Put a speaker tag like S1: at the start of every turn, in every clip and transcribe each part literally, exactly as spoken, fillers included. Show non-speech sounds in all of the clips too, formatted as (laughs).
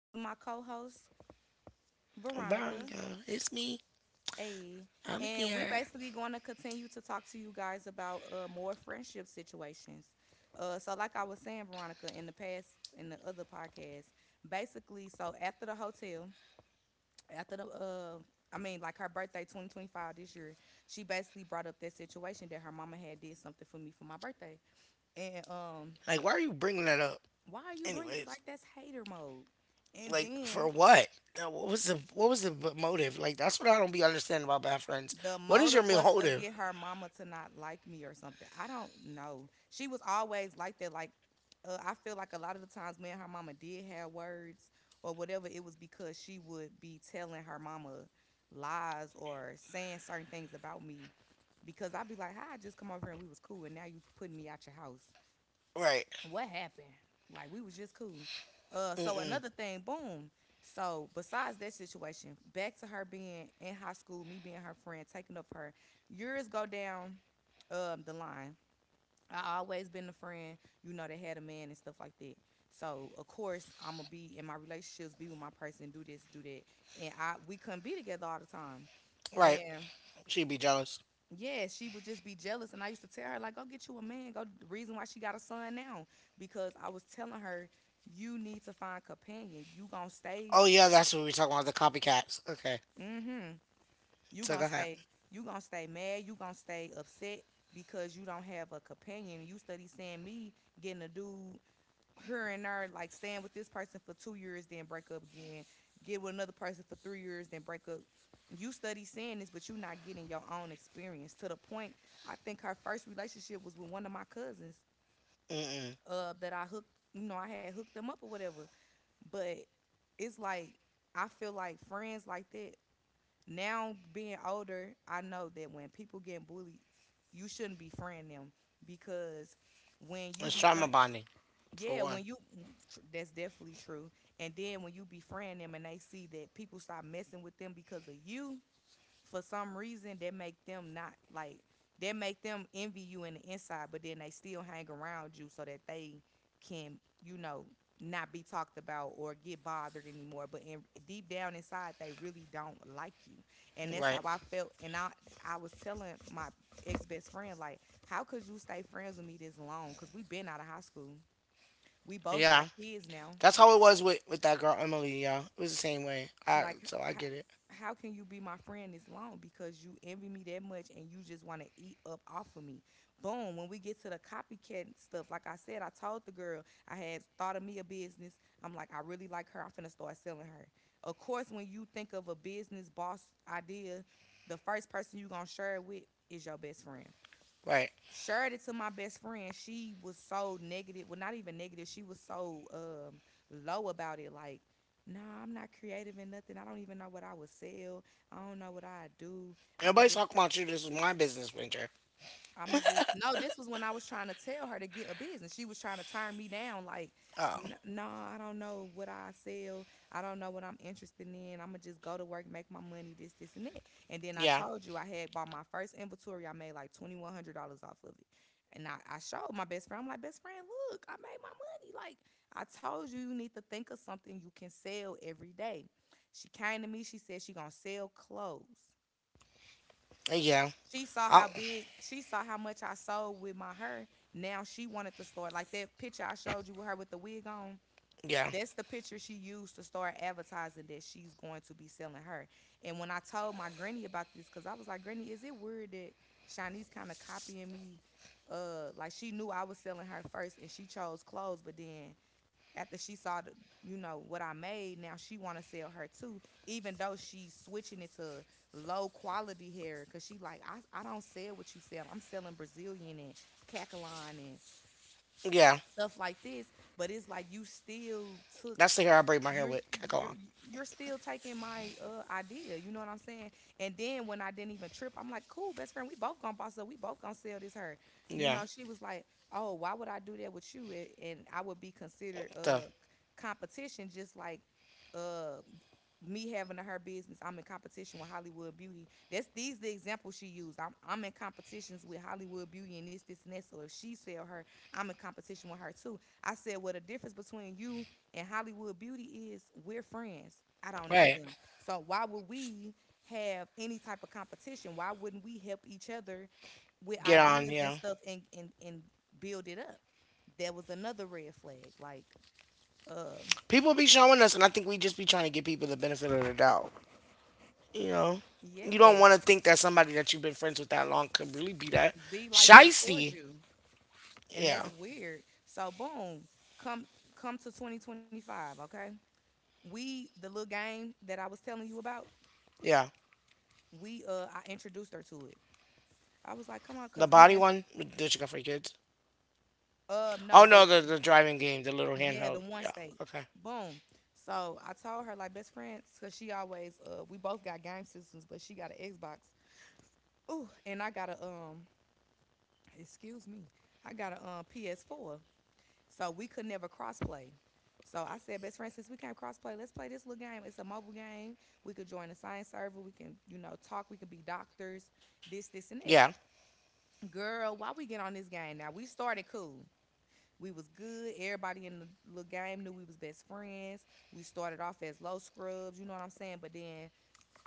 S1: with my co-host Veronica.
S2: Veronica, it's me.
S1: Hey,
S2: I'm
S1: and we
S2: here.
S1: basically going to continue to talk to you guys about uh, more friendship situations. Uh, so, like I was saying, Veronica, in the past, in the other podcast, basically, so after the hotel, after the, uh, I mean, like her birthday, twenty twenty-five this year, she basically brought up that situation that her mama had did something for me for my birthday, and um,
S2: Like, why are you bringing that up?
S1: why are you bringing like
S2: Anyways,
S1: that's hater mode? And
S2: like
S1: then
S2: for what? Uh, What was the what was the motive? Like that's what I don't be understanding about bad friends.
S1: the
S2: What is
S1: motive
S2: your
S1: was to
S2: motive?
S1: get her mama to not like me or something. I don't know. She was always like that. Like, uh, I feel like a lot of the times me and her mama did have words or whatever, it was because she would be telling her mama lies or saying certain things about me. Because I'd be like, "Hi, I just come over here and we was cool, and now you putting me out your house."
S2: Right.
S1: What happened? Like we was just cool. Uh, so
S2: Mm-mm.
S1: another thing, boom. So besides that situation, back to her being in high school, me being her friend, taking up for her. Years go down um, the line. I always been the friend, you know, that had a man and stuff like that. So of course I'ma be in my relationships, be with my person, do this, do that, and I we couldn't be together all the time.
S2: Right.
S1: And
S2: She'd be jealous.
S1: yeah, she would just be jealous. And I used to tell her, like, go get you a man. Go the reason why she got a son now. Because I was telling her, you need to find companion. You gonna stay,
S2: Oh yeah, that's what we were talking about the copycats. Okay.
S1: mm-hmm. You
S2: So
S1: gonna
S2: go ahead.
S1: stay, you gonna stay mad, you gonna stay upset because you don't have a companion. You study seeing me getting a dude her and her like staying with this person for two years, then break up again, get with another person for three years, then break up. You study saying this, but you're not getting your own experience to the point. I think her first relationship was with one of my cousins,
S2: Mm-mm.
S1: uh, that I hooked, you know, I had hooked them up or whatever. But it's like, I feel like friends like that, now being older, I know that when people get bullied, you shouldn't befriend them because when you
S2: It's trauma
S1: befriend
S2: bonding for
S1: yeah, when
S2: one.
S1: you mm, tr- that's definitely true. And then when you befriend them and they see that people start messing with them because of you, for some reason that make them not like that make them envy you in the inside, but then they still hang around you so that they can, you know, not be talked about or get bothered anymore. But in, deep down inside, they really don't like you, and that's how
S2: Right.
S1: I felt. And I I was telling my ex best friend, like, how could you stay friends with me this long? Cause we been out of high school. We both
S2: Yeah.
S1: got kids now.
S2: That's how it was with with that girl Emily, y'all. It was the same way. I
S1: Like
S2: so I
S1: how
S2: get it.
S1: how can you be my friend this long because you envy me that much and you just want to eat up off of me? Boom. When we get to the copycat stuff, like I said, I told the girl I had thought of me a business. I'm like, I really like her. I'm finna start selling her. Of course, when you think of a business boss idea, the first person you gonna share it with is your best friend.
S2: Right.
S1: Shared it to my best friend. She was so negative. Well, not even negative. She was so um low about it. Like, nah, I'm not creative in nothing. I don't even know what I would sell. I don't know what I do. I'ma
S2: Everybody's
S1: just
S2: talking about you. This is my business venture.
S1: I'ma just no. This was when I was trying to tell her to get a business. She was trying to turn me down, like,
S2: Oh.
S1: "N- no, I don't know what I sell. I don't know what I'm interested in. I'ma just go to work, make my money, this, this, and that." And then I
S2: Yeah.
S1: told you I had bought my first inventory. I made like twenty one hundred dollars off of it. And I, I showed my best friend. I'm like, best friend, look, I made my money. Like I told you, you need to think of something you can sell every day. She came to me. She said she gonna sell clothes.
S2: Yeah.
S1: She saw
S2: Oh,
S1: how big, she saw how much I sold with my hair. Now she wanted to start like that picture I showed you with her with the wig on.
S2: yeah.
S1: That's the picture she used to start advertising that she's going to be selling her. And when I told my granny about this, because I was like, Granny, is it weird that Shawnee's kind of copying me? Uh, like she knew I was selling her first, and she chose clothes, but then after she saw the you know what I made, now she want to sell her too, even though she's switching it to low quality hair because she like I, I don't sell what you sell. I'm selling Brazilian and cacaline and
S2: Yeah.
S1: stuff like this, but it's like you still took
S2: That's the hair I braid my hair
S1: you're
S2: with.
S1: you're
S2: Kakalon.
S1: you're still taking my uh idea, you know what I'm saying? And then when I didn't even trip, I'm like cool, best friend, we both gonna boss up, we both gonna sell this her. You know
S2: Yeah.
S1: she was like, oh why would I do that with you, and, and I would be considered
S2: The
S1: uh c- competition just like uh me having a her business, I'm in competition with Hollywood Beauty. That's these the examples she used. i'm, I'm in competitions with Hollywood Beauty and this this and that. So if she sell her, I'm in competition with her too. I said, well, the difference between you and Hollywood Beauty is we're friends. I don't know
S2: right.
S1: them. So why would we have any type of competition? Why wouldn't we help each other with
S2: Get on.
S1: ideas and
S2: Yeah.
S1: stuff and and, and build it up? That was another red flag. Like, um,
S2: People be showing us, and I think we just be trying to give people the benefit of the doubt. You know, you don't
S1: yes,
S2: want to think that somebody that you've been friends with that long could really be that
S1: be like that towards
S2: shisty.
S1: you. And
S2: Yeah.
S1: that's weird. So boom, come come to twenty twenty-five, okay? We the little game that I was telling you about,
S2: Yeah.
S1: we uh I introduced her to it. I was like, "Come on
S2: The
S1: cuz we've
S2: body
S1: been
S2: one that you got for your kids.
S1: uh no,
S2: Oh
S1: the
S2: no, the the driving game, the little
S1: Yeah,
S2: handheld.
S1: the one
S2: Yeah.
S1: state."
S2: Okay.
S1: Boom. So I told her like best friends, cause she always uh we both got game systems, but she got an Xbox. Ooh, and I got a um excuse me, I got a um P S four. So we could never crossplay. So I said, best friend, since we can't crossplay, let's play this little game. It's a mobile game. We could join a science server. We can, you know, talk. We can be doctors. This, this, and that.
S2: Yeah.
S1: Girl, why we get on this game now? We started cool. We was good. Everybody in the little game knew we was best friends. We started off as low scrubs, you know what I'm saying? But then,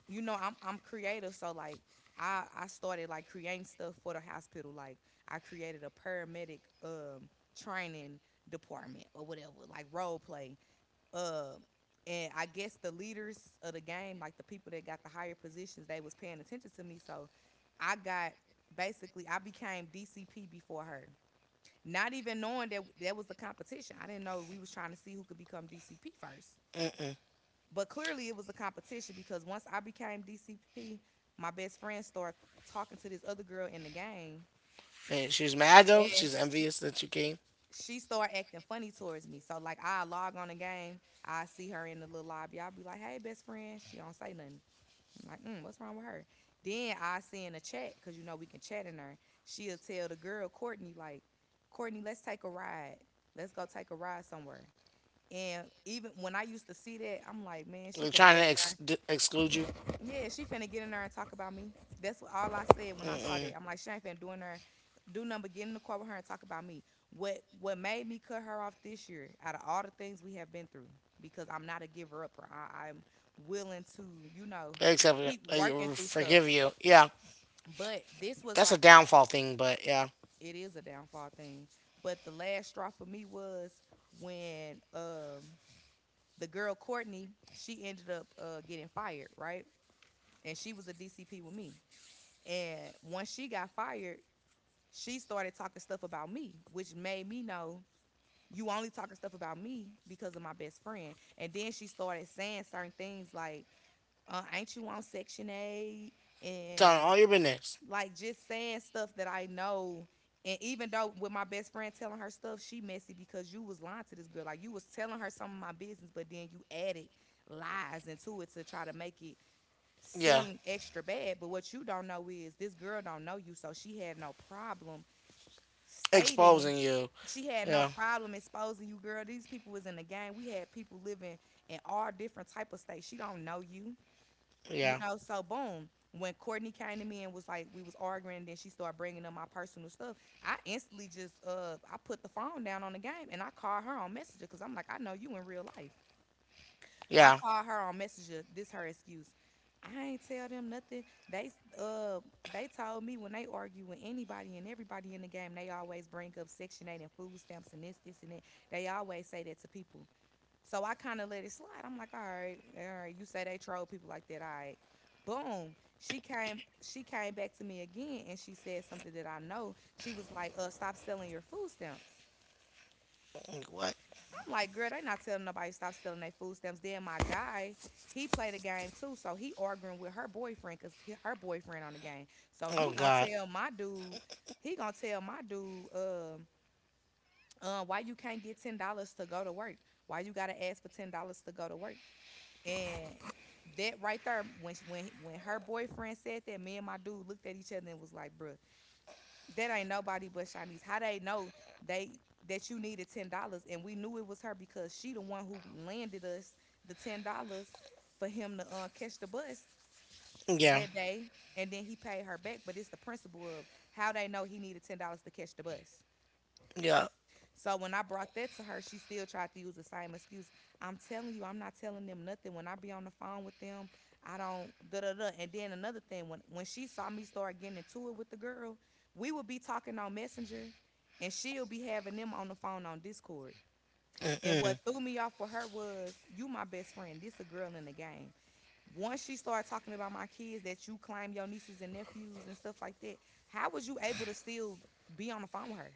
S1: you know, I'm I'm creative, so like I I started like creating stuff for the hospital. Like I created a paramedic um training department or whatever, like role play. Um and I guess the leaders of the game, like the people that got the higher positions, they was paying attention to me. So I got basically I became D C P before her. Not even knowing that that was a competition. I didn't know we was trying to see who could become D C P first.
S2: Mm-mm.
S1: But clearly it was a competition because once I became D C P, my best friend started talking to this other girl in the game,
S2: And she was mad though.
S1: and
S2: She's
S1: she,
S2: envious that you came.
S1: she started acting funny towards me. So like I log on the game, I see her in the little lobby. I'll be like, "Hey, best friend." She don't say nothing. I'm like, mm, "What's wrong with her?" Then I see in the chat because you know we can chat in there. She'll tell the girl Courtney, like, "Courtney, let's take a ride. Let's go take a ride somewhere." And even when I used to see that, I'm like, man, she
S2: They're
S1: finna
S2: trying to
S1: get in
S2: ex-
S1: there.
S2: d- exclude you.
S1: Yeah, she finna get in there and talk about me. That's what all I said when I saw that. I'm like, she ain't finna do in there, do nothing but get in the car with her and talk about me. What what made me cut her off this year out of all the things we have been through, because I'm not a giver upper. I, I'm willing to, you know,
S2: Except uh,
S1: keep
S2: I
S1: working through stuff.
S2: forgive you. Yeah,
S1: But this was
S2: that's a
S1: like the
S2: downfall thing, but yeah,
S1: it is a downfall thing. But the last straw for me was when um the girl Courtney, she ended up uh, getting fired, right? And she was a D C P with me. And once she got fired, she started talking stuff about me, which made me know you only talking stuff about me because of my best friend. And then she started saying certain things like, uh, "Ain't you on Section eight?
S2: telling
S1: And"
S2: all your business.
S1: like just saying stuff that I know. And even though with my best friend telling her stuff, she messy because you was lying to this girl. Like you was telling her some of my business, but then you added lies into it to try to make it
S2: Yeah,
S1: seem extra bad. But what you don't know is this girl don't know you, so she had no problem stating,
S2: exposing you.
S1: she had no
S2: Yeah,
S1: problem exposing you, girl. These people was in the game. We had people living in all different type of states. She don't know you. You
S2: yeah,
S1: know, so boom. When Courtney came to me and was like, we was arguing, then she started bringing up my personal stuff. I instantly just uh, I put the phone down on the game and I called her on Messenger because I'm like, I know you in real life. I
S2: yeah.
S1: called her on Messenger. This her excuse. I ain't tell them nothing. They uh they told me when they argue with anybody and everybody in the game, they always bring up Section Eight and food stamps and this, this, and that. They always say that to people. So I kind of let it slide. I'm like, all right, all right. You say they troll people like that, all right. Boom. She came. She came back to me again, and she said something that I know. She was like, "Uh, stop selling your food stamps."
S2: Like, what?
S1: I'm like, girl, they not telling nobody stop selling their food stamps. Then my guy, he played a game too, so he arguing with her boyfriend because her boyfriend on the game. So
S2: Oh
S1: he gonna
S2: God.
S1: tell my dude, he gonna tell my dude, um, uh, why you can't get ten dollars to go to work? Why you gotta ask for ten dollars to go to work? And that right there, when she- when when her boyfriend said that, me and my dude looked at each other and was like, "Bruh, that ain't nobody but Shanice. How they know they that you needed ten dollars, and we knew it was her because she the one who landed us the ten dollars for him to uh, catch the bus
S2: Yeah,
S1: that day, and then he paid her back. But it's the principle of how they know he needed ten dollars to catch the bus.
S2: yeah.
S1: So when I brought that to her, she still tried to use the same excuse. I'm telling you, I'm not telling them nothing. When I be on the phone with them, I don't da da da. And then another thing, when when she saw me start getting into it with the girl, we would be talking on Messenger, and she'll be having them on the phone on Discord. And what threw me off with her was, you my best friend. This a girl in the game. Once she started talking about my kids that you claim your nieces and nephews and stuff like that, how was you able to still be on the phone with her?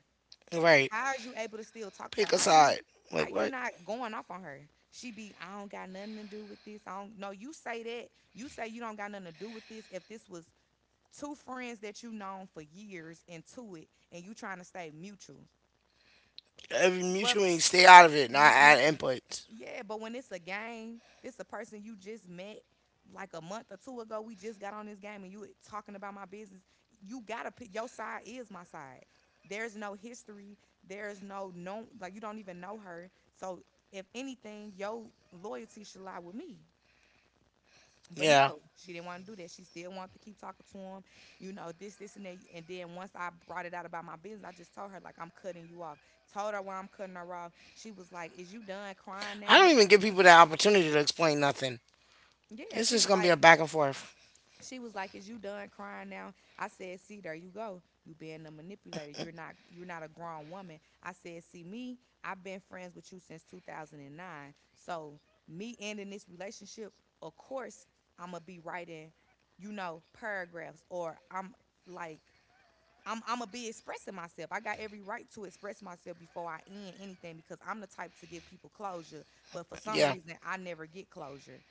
S2: Right.
S1: How are you able to still talk to her?
S2: Pick a
S1: How you
S2: side.
S1: how
S2: Like
S1: you
S2: what?
S1: not going off on her? She be, I don't got nothing to do with this. I don't, no, you say that. You say you don't got nothing to do with this. If this was two friends that you known for years into it and you trying to stay mutual.
S2: Every
S1: But
S2: mutually stay out of it, not
S1: when,
S2: add inputs.
S1: yeah, but when it's a game, this a person you just met like a month or two ago. We just got on this game, and you talking about my business. You gotta pick your side is my side. There's no history. There's no no like you don't even know her. So if anything, your loyalty should lie with me. But
S2: Yeah.
S1: no, she didn't want to do that. She still wanted to keep talking to him, you know, this, this, and that. And then once I brought it out about my business, I just told her, like, I'm cutting you off. Told her why I'm cutting her off. She was like, "Is you done crying
S2: I don't
S1: now?"
S2: even give people the opportunity to explain nothing.
S1: Yeah,
S2: It's
S1: she
S2: just
S1: was
S2: gonna be
S1: like,
S2: a back and forth.
S1: she was like, "Is you done crying now?" I said, "See, there you go. You being a manipulator. You're not. You're not a grown woman." I said, "See me. I've been friends with you since two thousand nine. So me ending this relationship, of course, I'm gonna be writing, you know, paragraphs, or I'm like." I'm, I'm gonna be expressing myself. I got every right to express myself before I end anything because I'm the type to give people closure. But for some
S2: Yeah,
S1: reason, I never get closure,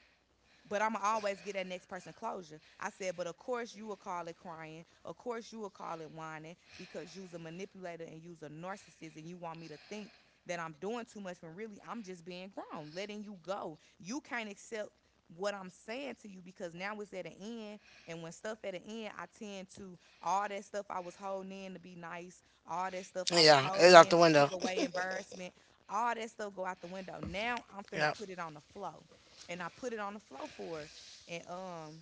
S1: but I'm always get that next person closure. I said, but of course you will call it crying. Of course you will call it whining because you's a manipulator and you's a narcissist and you want me to think that I'm doing too much when really I'm just being grown, letting you go. You can't accept what I'm saying to you because now it's at an end. And when stuff at an end, I tend to all that stuff I was holding in to be nice, all that stuff I was
S2: yeah.
S1: holding
S2: It's out
S1: in
S2: the
S1: to keep
S2: window.
S1: away
S2: (laughs)
S1: embarrassment, all that stuff go out the window. Now I'm finna
S2: Yeah,
S1: put it on the flow and I put it on the floor for her. And um,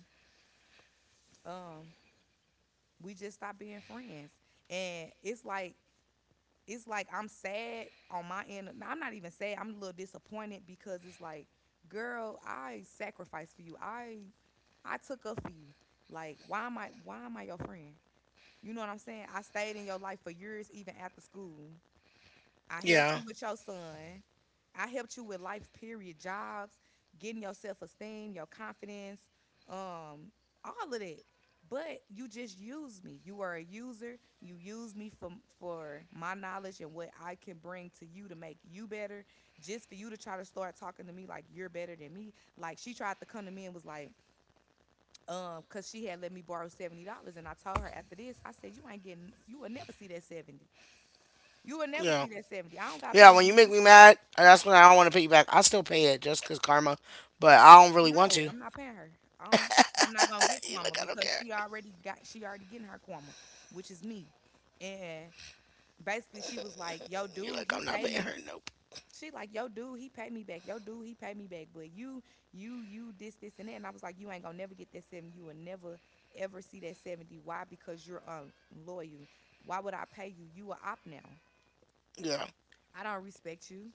S1: um, we just stopped being friends. And it's like, it's like I'm sad on my end. No, I'm not even sad. I'm a little disappointed because it's like, girl, I sacrificed for you. I I took up for you. Like, why am I why am I your friend? You know what I'm saying? I stayed in your life for years, even after school. I helped
S2: yeah,
S1: you with your son. I helped you with life, period, jobs, getting your self esteem, your confidence, um, all of that. But you just used me. You are a user. You use me for for my knowledge and what I can bring to you to make you better. Just for you to try to start talking to me like you're better than me. Like she tried to come to me and was like, um, cause she had let me borrow seventy dollars, and I told her after this, I said, you ain't getting, you will never see that seventy. You will never
S2: yeah.
S1: see that seventy. I don't gotta pay
S2: Yeah, when
S1: you
S2: you make
S1: now.
S2: me
S1: It's,
S2: mad,
S1: it's,
S2: that's when I don't want to pay you back. I still pay it just 'cause karma, but I don't really want
S1: no,
S2: to.
S1: I'm not paying her. I don't I'm not gonna get
S2: You're
S1: Kwama
S2: like, I don't
S1: because
S2: care.
S1: she already got she already getting her Kwama, which is me. And basically she was like, "Yo,
S2: You're
S1: dude,
S2: like,
S1: he
S2: I'm not
S1: paid
S2: paying her.
S1: me."
S2: Nope.
S1: She like, "Yo, dude, he paid me back. Yo, dude, he paid me back. But you, you, you, this, this, and that." And I was like, you ain't gonna never get that seventy. You will never ever see that seventy. Why? Because you're unloyal. Why would I pay you? You a op now.
S2: Yeah.
S1: I don't respect you.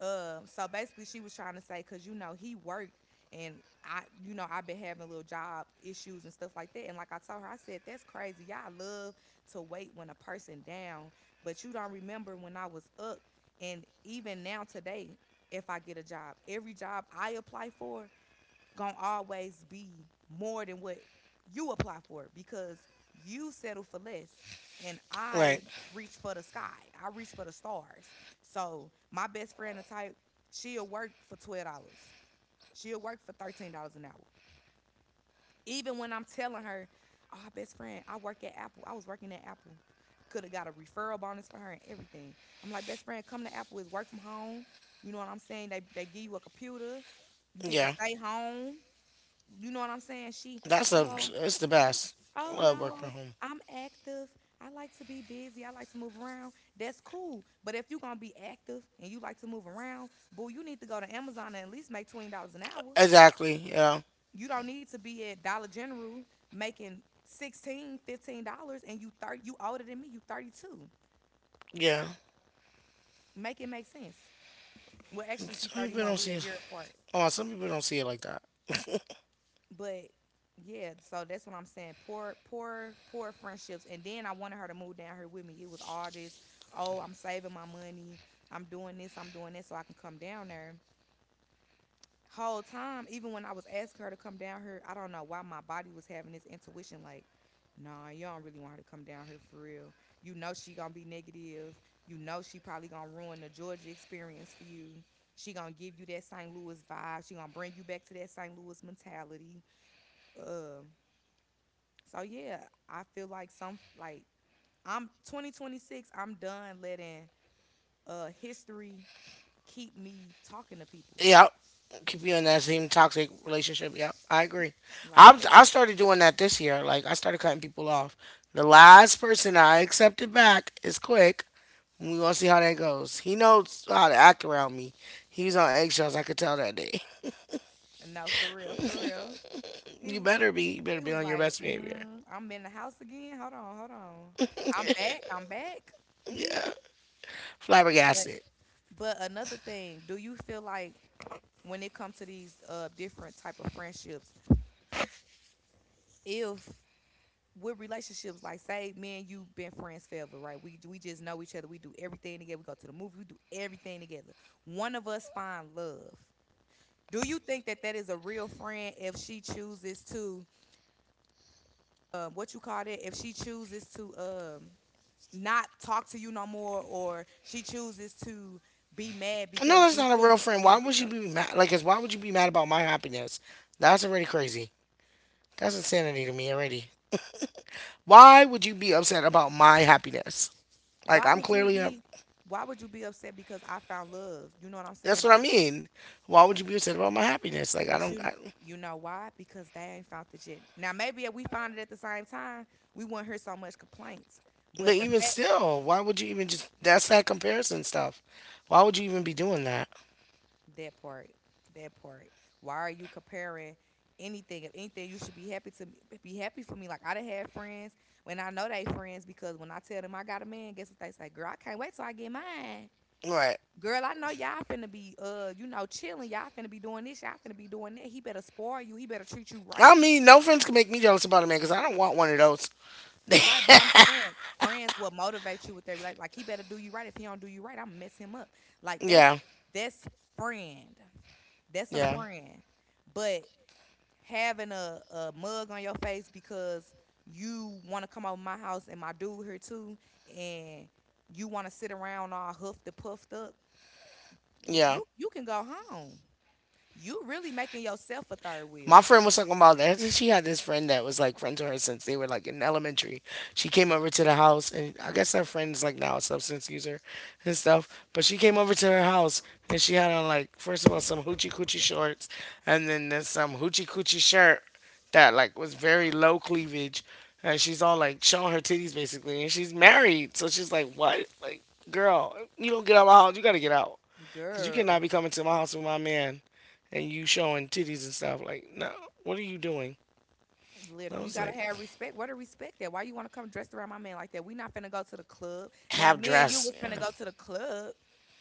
S1: Um, so basically, she was trying to say, cause you know he worked, and I, you know, I've been having little job issues and stuff like that. And like I told her, I said that's crazy. Y'all love to wait when a person down, but you don't remember when I was up. And even now today, if I get a job, every job I apply for, gonna always be more than what you apply for because you settle for less and
S2: Right.
S1: I reach for the sky. I reach for the stars. So my best friend the type, she'll work for twelve dollars. She'll work for thirteen dollars an hour. Even when I'm telling her, oh best friend, I work at Apple. I was working at Apple. Could have got a referral bonus for her and everything. I'm like, best friend, come to Apple. It's work from home. You know what I'm saying? They they give you a computer. You get to
S2: Yeah.
S1: stay home. You know what I'm saying? She,
S2: That's the
S1: oh,
S2: it's the
S1: I-
S2: best.
S1: oh
S2: Love work from
S1: no,
S2: home.
S1: I'm active. I like to be busy. I like to move around. That's cool. But if you're gonna be active and you like to move around, boo, you need to go to Amazon and at least make twenty dollars an hour.
S2: Exactly. Yeah.
S1: You don't need to be at Dollar General making sixteen, fifteen dollars and you thirty, you older than me, you thirty two.
S2: Yeah.
S1: Make it make sense. Well, actually, she
S2: Some
S1: thirty
S2: people
S1: one.
S2: don't
S1: We
S2: see
S1: a
S2: it.
S1: year apart.
S2: Oh, some people don't see it like that. (laughs)
S1: But yeah, so that's what I'm saying. Poor, poor, poor friendships. And then I wanted her to move down here with me. It was all this, oh, I'm saving my money. I'm doing this, I'm doing that so I can come down there. Whole time, even when I was asking her to come down here, I don't know why my body was having this intuition like, nah, you don't really want her to come down here for real. You know she gonna be negative. You know she probably gonna ruin the Georgia experience for you. She gonna give you that Saint Louis vibe. She gonna bring you back to that Saint Louis mentality. Uh, so yeah, I feel like some like I'm twenty twenty-six. I'm done letting uh history keep me talking to people
S2: Yep. Keep you in that same toxic relationship. Yep. I agree.
S1: like
S2: I
S1: that.
S2: I started doing that this year. Like I started cutting people off. The last person I accepted back is Quick. We gonna see how that goes. He knows how to act around me. He was on eggshells. I could tell that day. (laughs)
S1: No, for real, for real. He
S2: You better be. You better
S1: he
S2: be
S1: was
S2: on your
S1: like,
S2: best behavior.
S1: mm, I'm in the house again. Hold on, hold on. I'm back. I'm back. But
S2: Flabbergasted.
S1: but another thing, do you feel like when it comes to these uh different type of friendships, if with relationships, like say me and you been friends forever, right? We we just know each other. We do everything together. We go to the movie. We do everything together. One of us find love. Do you think that that is a real friend if she chooses to um, what you call it? If she chooses to um, not talk to you no more, or she chooses to be mad
S2: No,
S1: because
S2: that's
S1: you
S2: not a real
S1: choosing to
S2: friend.
S1: be
S2: Why
S1: with
S2: would she
S1: her?
S2: be mad? Like, 'cause why would you be mad about my happiness? That's already crazy. That's insanity to me already. Why would you be upset about my happiness? Like
S1: Why
S2: I'm
S1: would you
S2: clearly a,
S1: be? Why would you be upset because I found love? You know what I'm saying?
S2: that's what I
S1: Like
S2: mean. Why would you be upset about my happiness? Like I
S1: But
S2: don't.
S1: you
S2: I,
S1: you know why? Because they ain't found it yet. Now maybe if we found it at the same time, we wouldn't hear so much complaints.
S2: but
S1: But the
S2: even
S1: fact
S2: still, why would you even just? That's that comparison stuff. Why would you even be doing that?
S1: That part, that part. Why are you comparing anything? If anything, you should be happy to me, be happy for me. Like I done had friends when I know they friends because when I tell them I got a man, guess what they say? Girl, I can't wait till I get mine.
S2: Right.
S1: Girl, I know y'all finna be uh, you know, chilling. Y'all finna be doing this. Y'all finna be doing that. He better spoil you. He better treat you right.
S2: I mean, no friends can make me jealous about a man because I don't want one of those. (laughs)
S1: Right, but I'm saying friends will motivate you with their like like he better do you right. If he don't do you right, I'm gonna mess him up. Like that's
S2: Yeah.
S1: that's friend. That's a
S2: Yeah.
S1: friend. But having a, a mug on your face because you wanna come over my house and my dude here too and you wanna sit around all huffed and puffed up,
S2: Yeah.
S1: you you can go home. You really making yourself a third
S2: My
S1: wheel.
S2: friend was talking about that. She had this friend that was like friends with her since they were like in elementary. She came over to the house, and I guess her friend is like now a substance user and stuff. But she came over to her house, and she had on like, first of all, some hoochie coochie shorts, and then there's some hoochie coochie shirt that like was very low cleavage, and she's all like showing her titties basically, and she's married, so she's like, what, like, girl, you don't get out of my house, you gotta get out, cause you cannot
S1: Girl.
S2: be coming to my house with my man and you showing titties and stuff. Like, no, what are you doing? I
S1: Literally, you
S2: was
S1: gotta
S2: like,
S1: have respect. Where the respect at? Why you wanna come dressed around my man like that? We not finna go to the club. Now, if
S2: half
S1: me and you
S2: dressed.
S1: was finna
S2: Yeah.
S1: go to the club,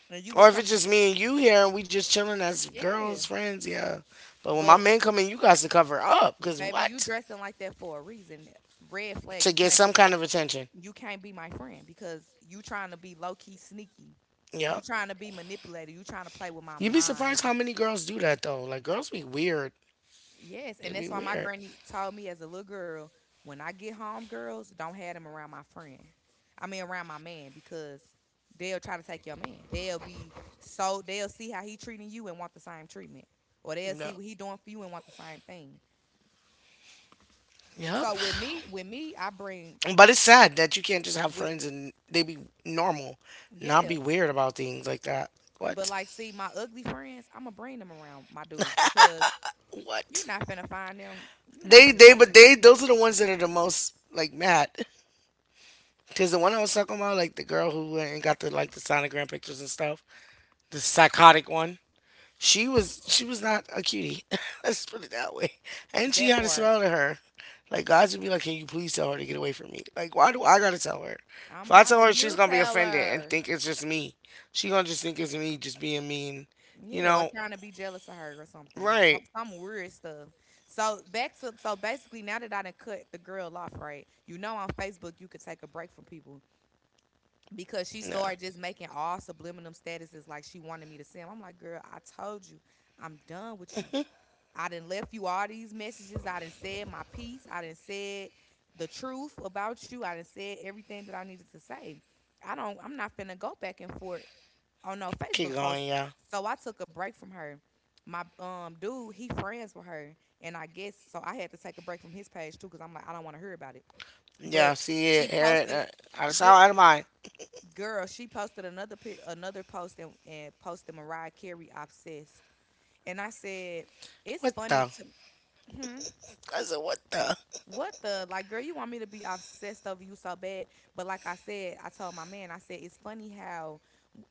S1: and you was
S2: Or if
S1: coming.
S2: it's just me and you here and we just chilling as girls,
S1: Yeah,
S2: friends, yeah. But when my
S1: but
S2: men come in, you guys to cover up. Because
S1: baby, you
S2: what?
S1: dressing like that for a reason. Red flag.
S2: To
S1: You
S2: get
S1: can't be.
S2: some kind of attention.
S1: You can't be my friend because you trying to be low key sneaky. You
S2: Yeah.
S1: trying to be manipulated. You trying to play with my
S2: You'd be
S1: mind.
S2: surprised how many girls do that, though. Like, girls be weird.
S1: Yes,
S2: They
S1: and
S2: be
S1: that's why my
S2: weird.
S1: granny told me as a little girl, when I get home, girls, don't have them around my friend. I mean around my man because they'll try to take your man. They'll be so They'll see how he treating you and want the same treatment. Or they'll
S2: No.
S1: see what he doing for you and want the same thing.
S2: Yep.
S1: So with me, with me, I bring
S2: But it's sad that you can't just have
S1: with
S2: friends and they be normal, not be
S1: yeah.
S2: weird about things like that.
S1: But
S2: What?
S1: like see my ugly friends, I'ma bring them around my dudes because you're
S2: What?
S1: not finna find them. You're not
S2: They
S1: finna
S2: they
S1: talk to
S2: but
S1: them.
S2: they those are the ones that are the most like mad. Cause the one I was talking about, like the girl who went and got the like the sonogram pictures and stuff, the psychotic one. She was she was not a cutie. (laughs) Let's put it that way. And she
S1: That
S2: had a
S1: part.
S2: smell to her. Like God should be like, can you please tell her to get away from me? Like why do I gotta tell her? If
S1: I'm
S2: I tell
S1: hollering,
S2: her, she's
S1: you
S2: gonna be
S1: tell
S2: offended and
S1: her.
S2: think it's just me. She gonna just think it's me just being mean. You
S1: Yeah, or
S2: know,
S1: trying to be jealous of her or something.
S2: right?
S1: Some, some weird stuff. So back to so basically now that I done cut the girl off, right? You know on Facebook you could take a break from people because she
S2: No.
S1: started just making all subliminal statuses like she wanted me to see 'em. I'm like, girl, I told you, I'm done with you. I done left you all these messages. I done said my piece. I done said the truth about you. I done said everything that I needed to say. I don't I'm not finna go back and forth on no
S2: Keep
S1: Facebook
S2: going,
S1: posts.
S2: yeah.
S1: So I took a break from her. My um dude, he friends with her. And I guess so I had to take a break from his page too, because I'm like, I don't want to hear about it.
S2: Yeah,
S1: But
S2: see it,
S1: she
S2: hear it.
S1: posted
S2: Uh, out of
S1: yeah,
S2: sight, out of mind.
S1: girl, she posted another pi- another post and, and posted Mariah Carey obsessed. And I said, it's
S2: What
S1: funny
S2: the?
S1: to hmm?
S2: I said, what the?
S1: What the like, girl? You want me to be obsessed over you so bad? But like I said, I told my man, I said it's funny how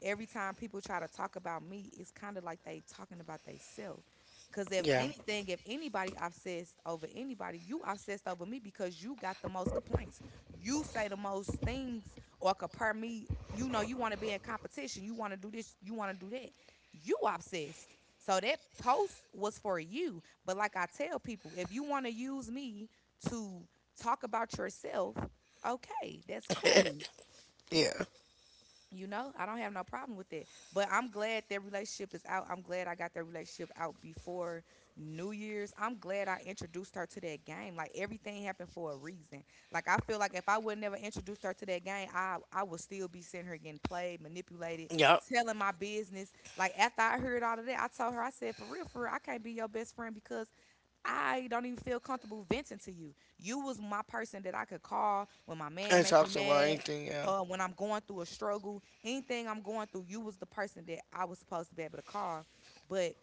S1: every time people try to talk about me, it's kind of like they talking about themselves. Cause if
S2: Yeah.
S1: anything, if anybody obsessed over anybody, you obsessed over me because you got the most complaints. You say the most things or compare me. You know, you want to be in competition. You want to do this. You want to do that. You obsessed. So that post was for you. But like I tell people, if you want to use me to talk about yourself, okay, that's cool,
S2: (laughs) Yeah.
S1: you know, I don't have no problem with that. But I'm glad that relationship is out. I'm glad I got that relationship out before New Year's. I'm glad I introduced her to that game. Like everything happened for a reason. Like I feel like if I would never introduced her to that game, I I would still be sitting here getting played, manipulated,
S2: Yep.
S1: telling my business. Like after I heard all of that, I told her, I said, for real, for real, I can't be your best friend because I don't even feel comfortable venting to you. You was my person that I could call when my
S2: And
S1: man
S2: it
S1: make me
S2: talks about
S1: mad,
S2: anything, yeah.
S1: uh, when I'm going through a struggle, anything I'm going through. You was the person that I was supposed to be able to call, but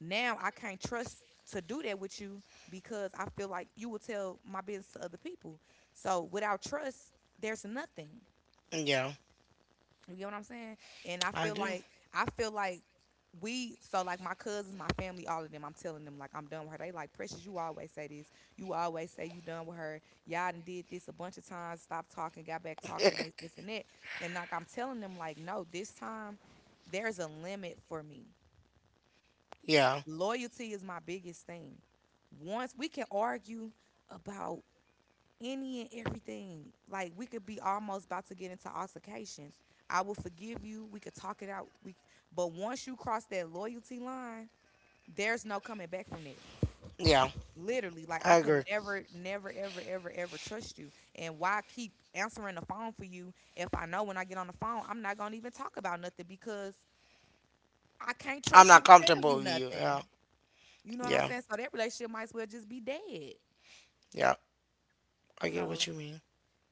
S1: now I can't trust to do that with you because I feel like you will tell my business to other people. So without trust, there's nothing.
S2: Yeah.
S1: You get what I'm saying? And I
S2: I
S1: feel
S2: do.
S1: like I feel like we so like my cousins, my family, all of them. I'm telling them like I'm done with her. They like Precious. You always say this. You always say you done with her. Y'all done did this a bunch of times. Stop talking. Got back talking. This,
S2: (laughs)
S1: this, and that. And like I'm telling them like no. This time there's a limit for me.
S2: Yeah.
S1: Loyalty is my biggest thing. Once we can argue about any and everything. Like we could be almost about to get into altercations. I will forgive you. We could talk it out. We But once you cross that loyalty line, there's no coming back from that.
S2: Yeah.
S1: Literally, like I
S2: I
S1: could
S2: agree.
S1: never, never, ever, ever, ever trust you. And why keep answering the phone for you if I know when I get on the phone I'm not gonna even talk about nothing because I can't
S2: I'm
S1: trust you
S2: not
S1: to tell
S2: comfortable
S1: you
S2: with you. Yeah.
S1: nothing. You know what I'm
S2: Yeah.
S1: saying? So that relationship might as well just be dead.
S2: Yeah. I get
S1: So
S2: what you mean.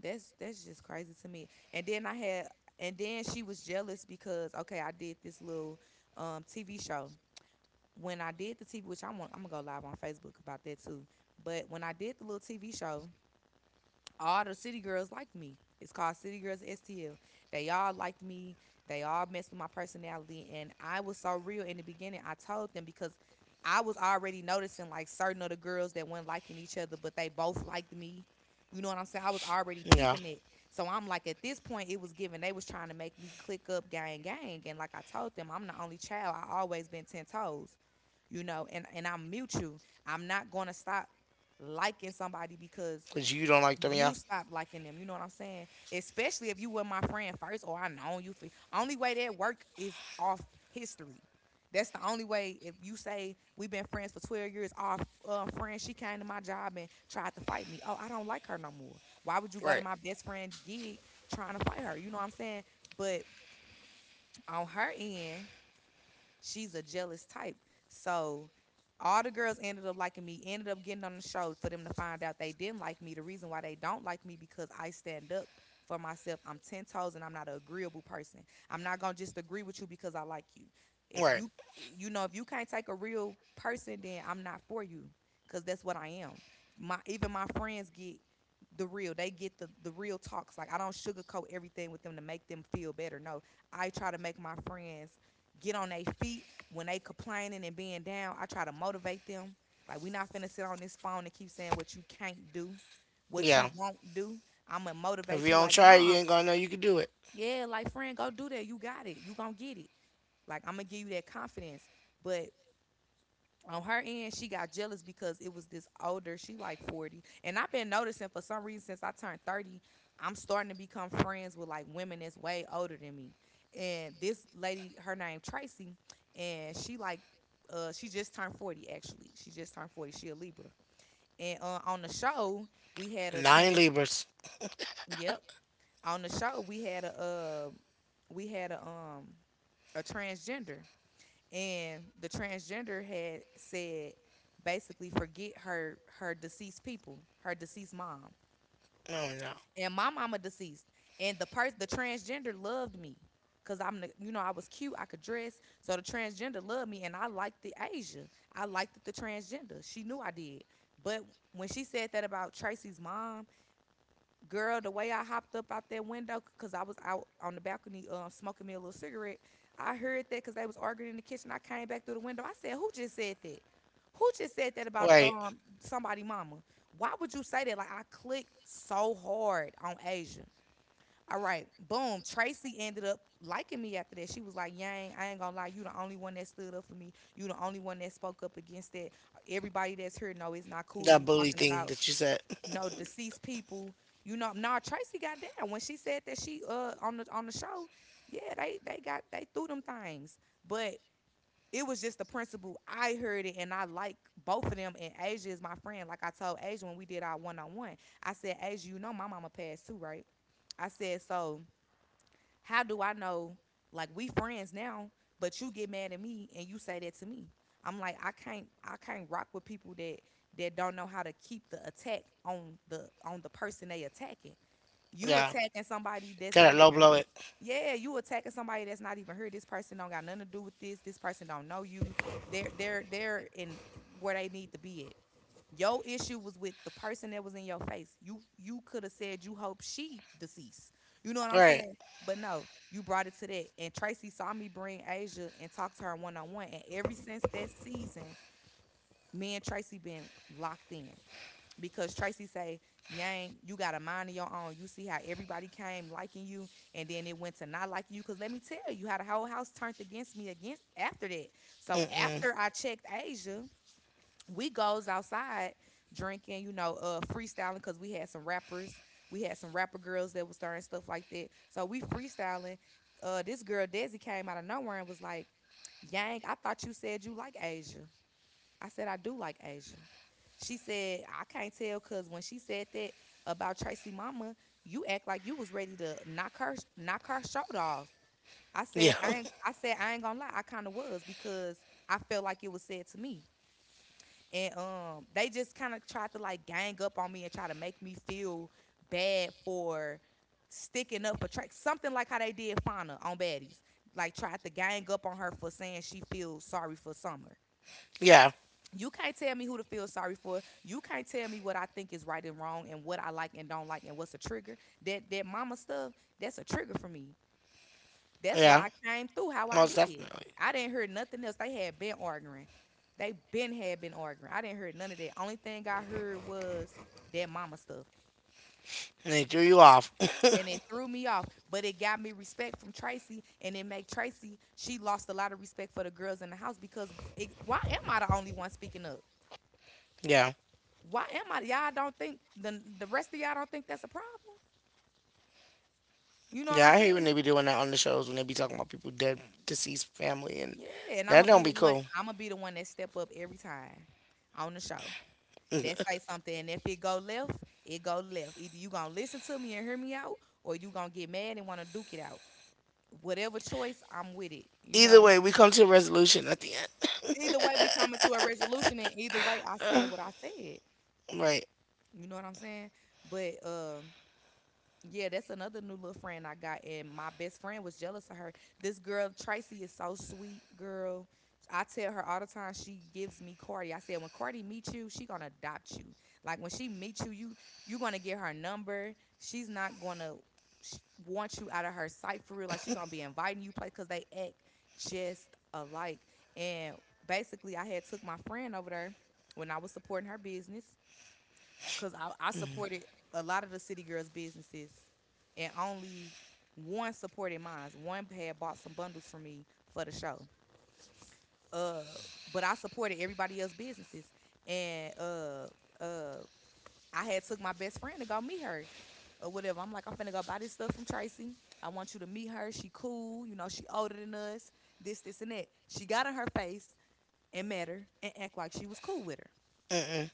S1: That's that's just crazy to me. And then I had and then she was jealous because okay, I did this little um T V show. When I did the T V, which I want, I'm gonna go live on Facebook about that too. But when I did the little T V show, all the city girls liked me. It's called City Girls S T L. They all liked me. They all messed with my personality. And I was so real in the beginning. I told them because I was already noticing like certain of the girls that weren't liking each other, but they both liked me. You know what I'm saying? I was already
S2: Yeah.
S1: peeping it. So I'm like, at this point, it was given. They was trying to make me click up gang gang. And like I told them, I'm the only child. I always been ten toes, you know, and, and I'm mutual. I'm not going to stop liking somebody because
S2: Because you don't like them, yeah.
S1: you stop liking them. You know what I'm saying? Especially if you were my friend first or I know you for only way that work is off history. That's the only way if you say we've been friends for twelve years, our uh, friend, she came to my job and tried to fight me. Oh, I don't like her no more. Why would you go to
S2: Right.
S1: my best friend gig trying to fight her? You know what I'm saying? But on her end, she's a jealous type. So all the girls ended up liking me, ended up getting on the show for them to find out they didn't like me. The reason why they don't like me because I stand up for myself. I'm ten toes and I'm not an agreeable person. I'm not going to just agree with you. Because I like you. If
S2: Right.
S1: you you know if you can't take a real person, then I'm not for you, cuz that's what I am. My even my friends get the real. They get the the real talks. Like, I don't sugarcoat everything with them to make them feel better. No, I try to make my friends get on their feet when they complaining and being down. I try to motivate them. Like, we not finna sit on this phone and keep saying what you can't do, what you
S2: Yeah.
S1: won't do. I'ma
S2: If you
S1: motivate you
S2: don't
S1: like,
S2: try it, you
S1: nah,
S2: ain't gonna know you can do it.
S1: yeah, like, friend, go do that. You got it. You gonna get it. Like, I'm gonna give you that confidence. But on her end, she got jealous because it was this older, she like forty. And I've been noticing for some reason since I turned thirty, I'm starting to become friends with like women that's way older than me. And this lady, her name Tracy, and she like uh she just turned forty actually. She just turned forty. She a Libra. And uh, on the show, we had a
S2: Nine
S1: trans,
S2: Libras.
S1: yep. On the show, we had a uh we had a um a transgender, and the transgender had said basically forget her her deceased people, her deceased mom.
S2: No, no.
S1: And my mama deceased. And the person the transgender loved me. Cause I'm the, you know, I was cute, I could dress. So the transgender loved me and I liked the Asia. I liked the transgender. She knew I did. But when she said that about Tracy's mom, girl, the way I hopped up out that window, because I was out on the balcony um, smoking me a little cigarette, I heard that because they was arguing in the kitchen. I came back through the window. I said, "Who just said that? Who just said that about
S2: Right.
S1: um somebody mama? Why would you say that?" Like, I clicked so hard on Asia. All right, boom. Tracy ended up liking me after that. She was like, "Yang, I ain't gonna lie, you the only one that stood up for me. You the only one that spoke up against that. Everybody that's here know it's not cool to
S2: That
S1: be
S2: bully
S1: talking
S2: thing
S1: about
S2: that you said.
S1: no deceased people." You know, nah, Tracy got down when she said that, she uh on the on the show. Yeah, they they got, they threw them things, but it was just the principle. I heard it and I like both of them. And Asia is my friend. Like, I told Asia when we did our one on one, I said, "Asia, you know my mama passed too, right? I said so. How do I know? Like, we friends now, but you get mad at me and you say that to me." I'm like, "I can't, I can't rock with people that that don't know how to keep the attack on the on the person they attacking.
S2: (laughs)
S1: You
S2: Yeah.
S1: attacking somebody that's not
S2: Gotta low
S1: even,"
S2: blow it.
S1: yeah, you attacking somebody that's not even here. This person don't got nothing to do with this. This person don't know you. They're they're they're in where they need to be at. Your issue was with the person that was in your face. You you could have said you hope she deceased. You know what I'm
S2: Right.
S1: saying? But no, you brought it to that. And Tracy saw me bring Asia and talk to her one on one. And ever since that season, me and Tracy been locked in. Because Tracy say, "Yang, you got a mind of your own. You see how everybody came liking you and then it went to not liking you." Cause let me tell you how the whole house turned against me against after that. So
S2: Mm-mm.
S1: after I checked Asia, we goes outside drinking, you know, uh, freestyling, because we had some rappers, we had some rapper girls that was starting stuff like that. So we freestyling. Uh, this girl Desi came out of nowhere and was like, "Yang, I thought you said you like Asia." I said, "I do like Asia." She said, "I can't tell because when she said that about Tracy Mama, you act like you was ready to knock her knock her shirt off." I
S2: Yeah.
S1: said, "I ain't."
S2: (laughs)
S1: I said, "I ain't gonna lie. I kind of was because I felt like it was said to me." And um they just kind of tried to like gang up on me and try to make me feel bad for sticking up for Trey. Something like how they did Fauna on Baddies. Like, tried to gang up on her for saying she feels sorry for Summer.
S2: Yeah.
S1: You can't tell me who to feel sorry for. You can't tell me what I think is right and wrong and what I like and don't like and what's a trigger. That that mama stuff, that's a trigger for me. That's why
S2: Yeah.
S1: I came through how I
S2: Most
S1: did.
S2: definitely.
S1: I didn't hear nothing else. They had been arguing. They been had been arguing. I didn't hear none of that. Only thing I heard was that mama stuff.
S2: And they threw you off.
S1: And it threw me off. But it got me respect from Tracy. And it made Tracy, she lost a lot of respect for the girls in the house because it, why am I the only one speaking up?
S2: (laughs) Yeah.
S1: Why am I? Y'all don't think the the rest of y'all don't think that's a problem? You know what I'm
S2: Yeah, I hate when
S1: saying?
S2: they be doing that on the shows when they be talking about people dead, deceased family, and
S1: Yeah, and I'm gonna
S2: that
S1: be
S2: don't
S1: the
S2: be
S1: one.
S2: cool.
S1: I'm gonna be the one that step up every time on the show, that say something. If it go left, it go left. Either you gonna listen to me and hear me out, or you gonna get mad and want to duke it out. Whatever choice, I'm with it, you
S2: Either
S1: know.
S2: way, we come to a resolution at the end. (laughs)
S1: Either way, we coming to a resolution, and either way, I said what I said.
S2: Right.
S1: You know what I'm saying? But um yeah, that's another new little friend I got, and my best friend was jealous of her. This girl Tracy is so sweet, girl. I tell her all the time she gives me Cardi. I said when Cardi meets you, she gonna adopt you. Like, when she meets you, you you gonna get her number. She's not gonna sh- want you out of her sight for real. Like, she gonna be inviting you place because they act just alike. And basically, I had took my friend over there when I was supporting her business. Because I, I supported a lot of the city girls' businesses, and only one supported mine. One had bought some bundles for me for the show. Uh, but I supported everybody else's businesses, and uh, uh, I had took my best friend to go meet her. Or whatever. I'm like, I'm finna go buy this stuff from Tracy. I want you to meet her. She cool. You know, she older than us. This, this, and that. She got in her face and met her and act like she was cool with her.
S2: Mm-mm.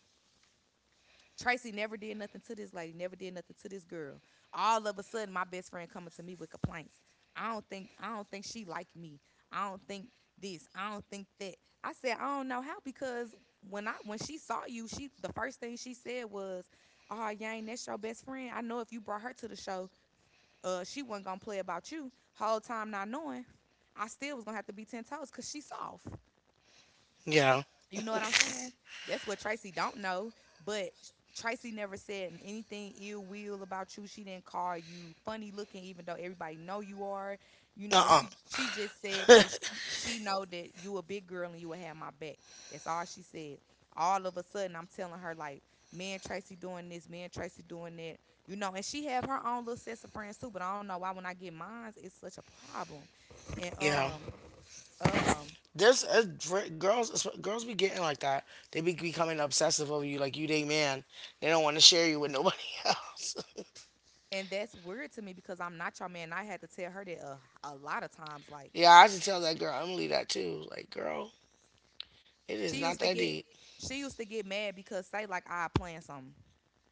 S1: Tracy never did nothing to this lady, never did nothing to this girl. All of a sudden, my best friend coming to me with complaints. I don't think I don't think she liked me. I don't think this. I don't think that. I said, "I don't know how, because when I when she saw you, she the first thing she said was, 'Oh, Yang, that's your best friend. I know if you brought her to the show, uh, she wasn't gonna play about you.'" Whole time not knowing, I still was gonna have to be ten toes because she soft.
S2: Yeah.
S1: You know what I'm saying? That's what Tracy don't know. But Tracy never said anything ill will about you. She didn't call you funny looking, even though everybody know you are. You know,
S2: Uh-uh.
S1: she she just said that she she know that you a big girl and you will have my back. That's all she said. All of a sudden, I'm telling her like, me and Tracy doing this, me and Tracy doing that. You know, and she have her own little sets of friends too. But I don't know why when I get mine, it's such a problem. And
S2: Yeah.
S1: um um
S2: There's uh, for- girls. Girls be getting like that. They be becoming obsessive over you, like you they man. They don't want to share you with nobody (laughs) else. (laughs)
S1: and that's weird to me because I'm not your man. I had to tell her that a, a lot of times. Like,
S2: Yeah, I should tell that girl Emily that too. Like, girl, it is
S1: she
S2: not
S1: used to
S2: that
S1: get,
S2: deep.
S1: she used to get mad because say like I plan something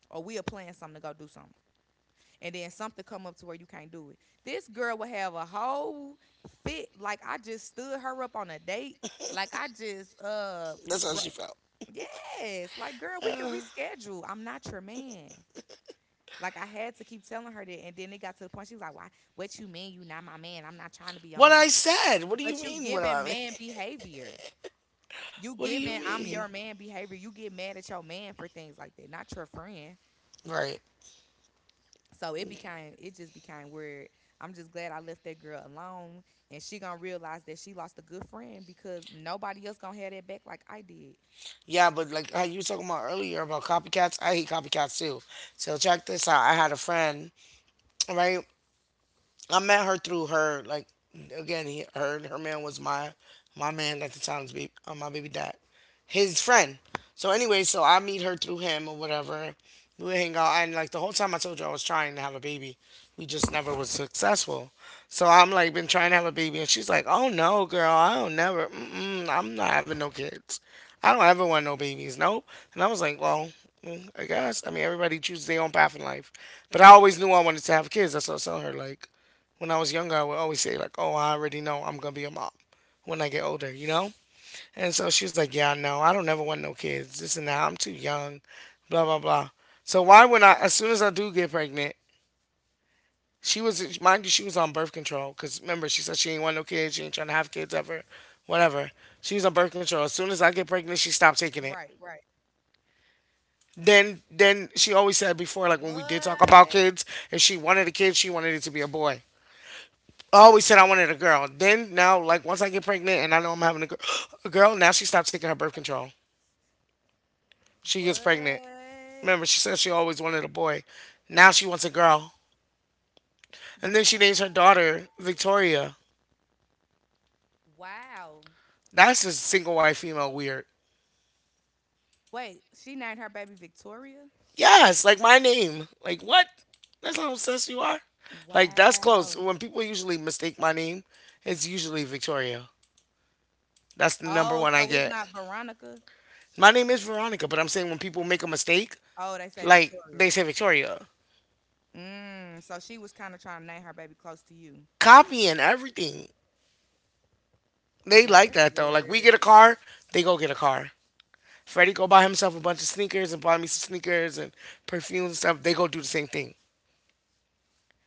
S1: or we are planning something to go do something, and then something come up to where you can't do it. This girl would have a whole fit. Like, I just stood her up on a date. Like, I just uh,
S2: That's how
S1: br-
S2: she felt.
S1: yes. Like, girl, we can
S2: Uh,
S1: reschedule. I'm not your man. Like, I had to keep telling her that, and then it got to the point she was like, "Why? What you mean? You not my man? I'm not trying to be your
S2: What
S1: man.
S2: I said. What do you
S1: But you
S2: mean? What do
S1: giving
S2: I mean?
S1: man
S2: (laughs)
S1: behavior. You
S2: What do you
S1: giving I'm
S2: mean?
S1: your man behavior. You get mad at your man for things like that, not your friend.
S2: Right.
S1: So it became it just became weird. I'm just glad I left that girl alone, and she gonna realize that she lost a good friend because nobody else gonna have that back like I did.
S2: Yeah, but like how you were talking about earlier about copycats, I hate copycats too. So check this out. I had a friend, right? I met her through her, like, again, he her her man was my my man at the time's be uh, my baby dad, his friend. So anyway, so I meet her through him or whatever. We would hang out, and like the whole time I told you I was trying to have a baby, we just never was successful. So I'm like, been trying to have a baby, and she's like, oh no girl, I don't never, mm-mm, I'm not having no kids. I don't ever want no babies. Nope. And I was like, well, mm, I guess. I mean, everybody chooses their own path in life. But I always knew I wanted to have kids. That's what I was telling her. Like, when I was younger, I would always say, like, oh, I already know I'm going to be a mom when I get older, you know? And so she was like, yeah, no, I don't ever want no kids. This and that. I'm too young, blah, blah, blah. So why would I, as soon as I do get pregnant, she was, mind you, she was on birth control. Because remember, she said she ain't want no kids. She ain't trying to have kids ever, whatever. She was on birth control. As soon as I get pregnant, she stopped taking it,
S1: Right, right.
S2: then then she always said before, like when we did talk about
S1: What?
S2: kids, if she wanted a kid she wanted it to be a boy. I always said I wanted a girl. Then now, like once I get pregnant and I know I'm having a, gir- (gasps) a girl, now she stopped taking her birth control. She gets pregnant.
S1: What?
S2: Remember, she said she always wanted a boy. Now she wants a girl. And then she names her
S1: Girl.
S2: daughter Victoria.
S1: Wow.
S2: That's just single white female weird.
S1: Wait, she named her baby Victoria?
S2: Yes, like my name. Like what? That's how obsessed you are. Like that's close.
S1: Wow.
S2: When people usually mistake my name, it's usually Victoria. That's the number
S1: Oh,
S2: one I
S1: so it's
S2: get.
S1: not Veronica?
S2: My name is Veronica, but I'm saying when people make a mistake,
S1: Oh, they say
S2: like
S1: Victoria.
S2: they say Victoria.
S1: Mm, so she was kind of trying to name her baby close to you.
S2: Copying everything. They
S1: Girl, that's
S2: like that though. Like we get
S1: weird.
S2: a car, they go get a car. Freddie go buy himself a bunch of sneakers and buy me some sneakers and perfumes and stuff. They go do the same thing.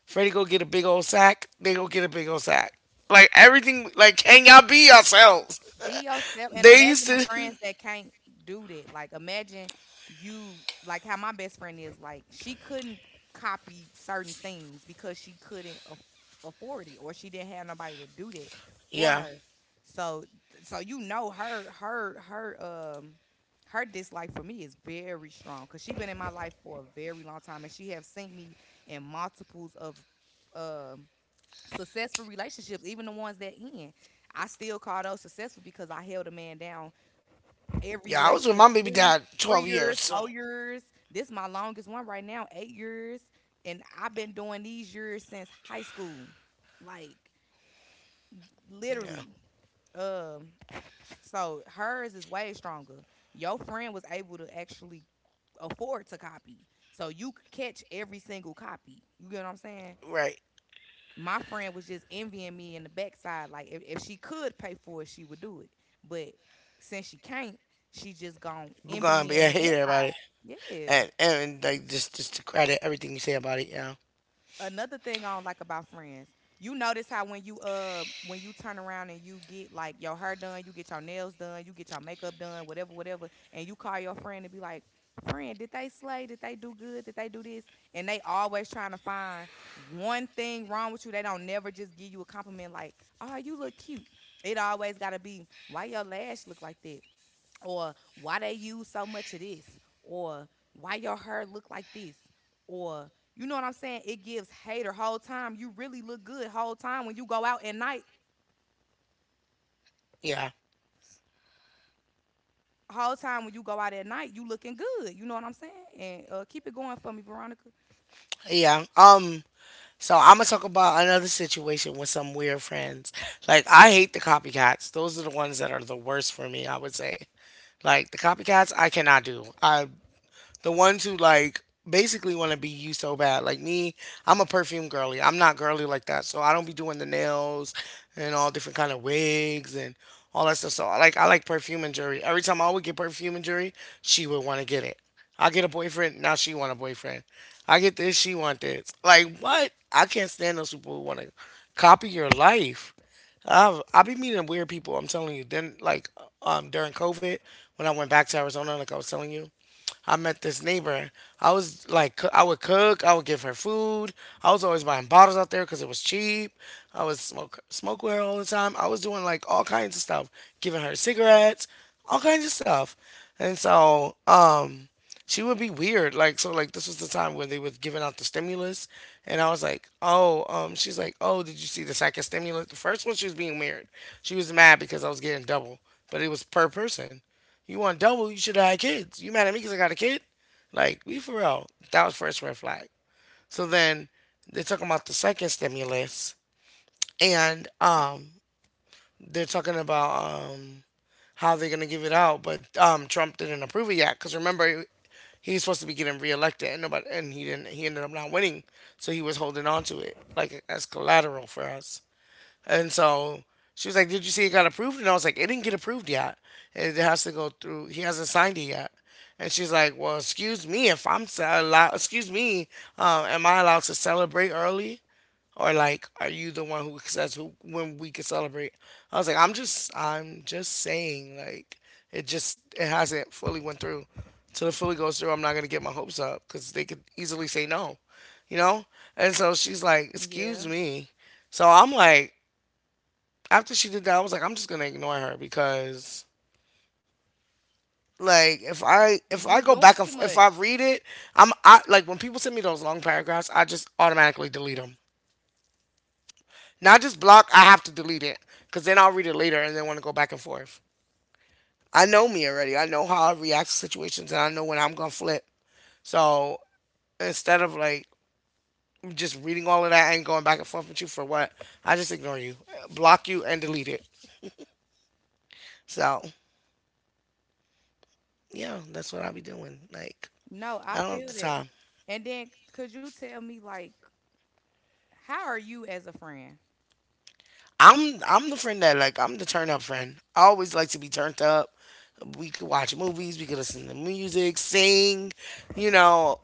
S2: Freddie go get a big old sack. They go get a big old sack. Like everything. Like can y'all be yourselves?
S1: Be yourself and
S2: They
S1: imagine
S2: used
S1: the
S2: to.
S1: friends
S2: (laughs)
S1: that can't do that. Like imagine you, like how my best friend is. Like she couldn't copy certain things because she couldn't aff afford it, or she didn't have nobody to do that for
S2: Yeah,
S1: her. So so you know her her her um her dislike for me is very strong because she been in my life for a very long time, and she have seen me in multiples of um successful relationships, even the ones that end. I still call those successful because I held a man down every
S2: yeah. I was with
S1: relationship.
S2: my baby
S1: three
S2: dad
S1: three
S2: twelve years.
S1: years,
S2: So
S1: four years. This my longest one right now, eight years, and I've been doing these years since high school, like
S2: yeah,
S1: literally. Um, so hers is way stronger. Your friend was able to actually afford to copy, so you could catch every single copy. You get what I'm saying?
S2: right.
S1: My friend was just envying me in the backside. Like if, if she could pay for it, she would do it. But since she can't, she just gonna
S2: We're
S1: envy
S2: gonna
S1: me
S2: be
S1: in
S2: a
S1: the
S2: hater about it.
S1: inside. Yeah.
S2: And and like just just to credit everything you say about it. Yeah,
S1: Another thing I don't like about friends, you notice how when you uh when you turn around and you get like your hair done, you get your nails done, you get your makeup done, whatever, whatever, and you call your friend and be like, friend, did they slay? Did they do good? Did they do this? And they always trying to find one thing wrong with you. They don't never just give you a compliment like, oh, you look cute. It always gotta be, why your lash look like that? Or why they use so much of this, or why your hair look like this, or you know what I'm saying? It gives hater whole time. You really look good whole time when you go out at night.
S2: yeah,
S1: Whole time when you go out at night, you looking good. You know what I'm saying? And uh, keep it going for me, Veronica.
S2: yeah. Um. So I'm gonna talk about another situation with some weird friends. Like I hate the copycats. Those are the ones that are the worst for me, I would say. Like the copycats I cannot do. I The ones who like basically want to be you so bad. Like me, I'm a perfume girly. I'm not girly like that, so I don't be doing the nails and all different kind of wigs and all that stuff. So I like I like perfume and jewelry. Every time I would get perfume and jewelry, she would want to get it. I get a boyfriend, now she want a boyfriend. I get this, she want this. Like what? I can't stand those people who want to copy your life. I've I be meeting weird people. I'm telling you. Then like um during COVID, when I went back to Arizona, like I was telling you, I met this neighbor. I was like, coo- I would cook, I would give her food. I was always buying bottles out there because it was cheap. I was smoke smoke with her all the time. I was doing like all kinds of stuff, giving her cigarettes, all kinds of stuff. And so, um, she would be weird. Like so, like this was the time where they was giving out the stimulus, and I was like, oh, um, she's like, oh, did you see the second stimulus? The first one, she was being weird. She was mad because I was getting double, but it was per person. You want double? You should have had kids. You mad at me because I got a kid? Like, we for real. That was first red flag. So then they're talking about the second stimulus, and um, they're talking about um how they're gonna give it out, but um Trump didn't approve it yet. Cause remember, he was supposed to be getting reelected, and nobody, and he didn't. He ended up not winning, so he was holding on to it like as collateral for us. And so she was like, "Did you see it got approved?" And I was like, "It didn't get approved yet. It has to go through, he hasn't signed it yet." And she's like, "Well, excuse me if I'm allowed, excuse me, um, am I allowed to celebrate early? Or like, are you the one who says who, when we can celebrate?" I was like, "I'm just, I'm just saying, like, it just, it hasn't fully went through. Till it fully goes through, I'm not gonna get my hopes up because they could easily say no, you know." And so she's like, "Excuse
S1: Yeah,
S2: me." So I'm like, after she did that, I was like, I'm just gonna ignore her because like if I if I
S1: you
S2: go
S1: doing
S2: back and
S1: too
S2: f- if I
S1: much.
S2: read it, I'm I like when people send me those long paragraphs, I just automatically delete them. Not just block, I have to delete it because then I'll read it later and then want to go back and forth. I know me already. I know how I react to situations and I know when I'm gonna flip. So instead of like just reading all of that and going back and forth with you for what, I just ignore you, block you, and delete it. So yeah, that's what I be doing. Like
S1: No, I
S2: I don't have
S1: feel
S2: the
S1: that.
S2: time.
S1: And then could you tell me, like, how are you as a friend?
S2: I'm I'm the friend that like I'm the turn up friend. I always like to be turned up. We could watch movies, we could listen to music, sing, you know,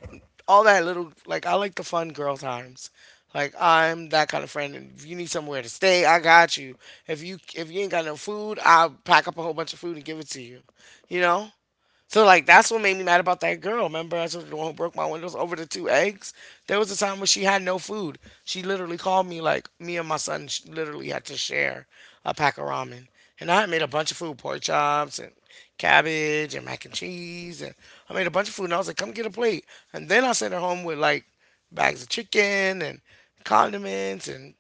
S2: all that little like I like the fun girl times. Like I'm that kind of friend and if you need somewhere to stay, I got you. If you if you ain't got no food, I'll pack up a whole bunch of food and give it to you. You know? So like that's what made me mad about that girl. Remember, I told you the one who broke my windows over the two eggs. There was a time when she had no food. She literally called me like me and my son sh- literally had to share a pack of ramen, and I had made a bunch of food, pork chops and cabbage and mac and cheese, and I made a bunch of food. And I was like, "Come get a plate." And then I sent her home with like bags of chicken and condiments and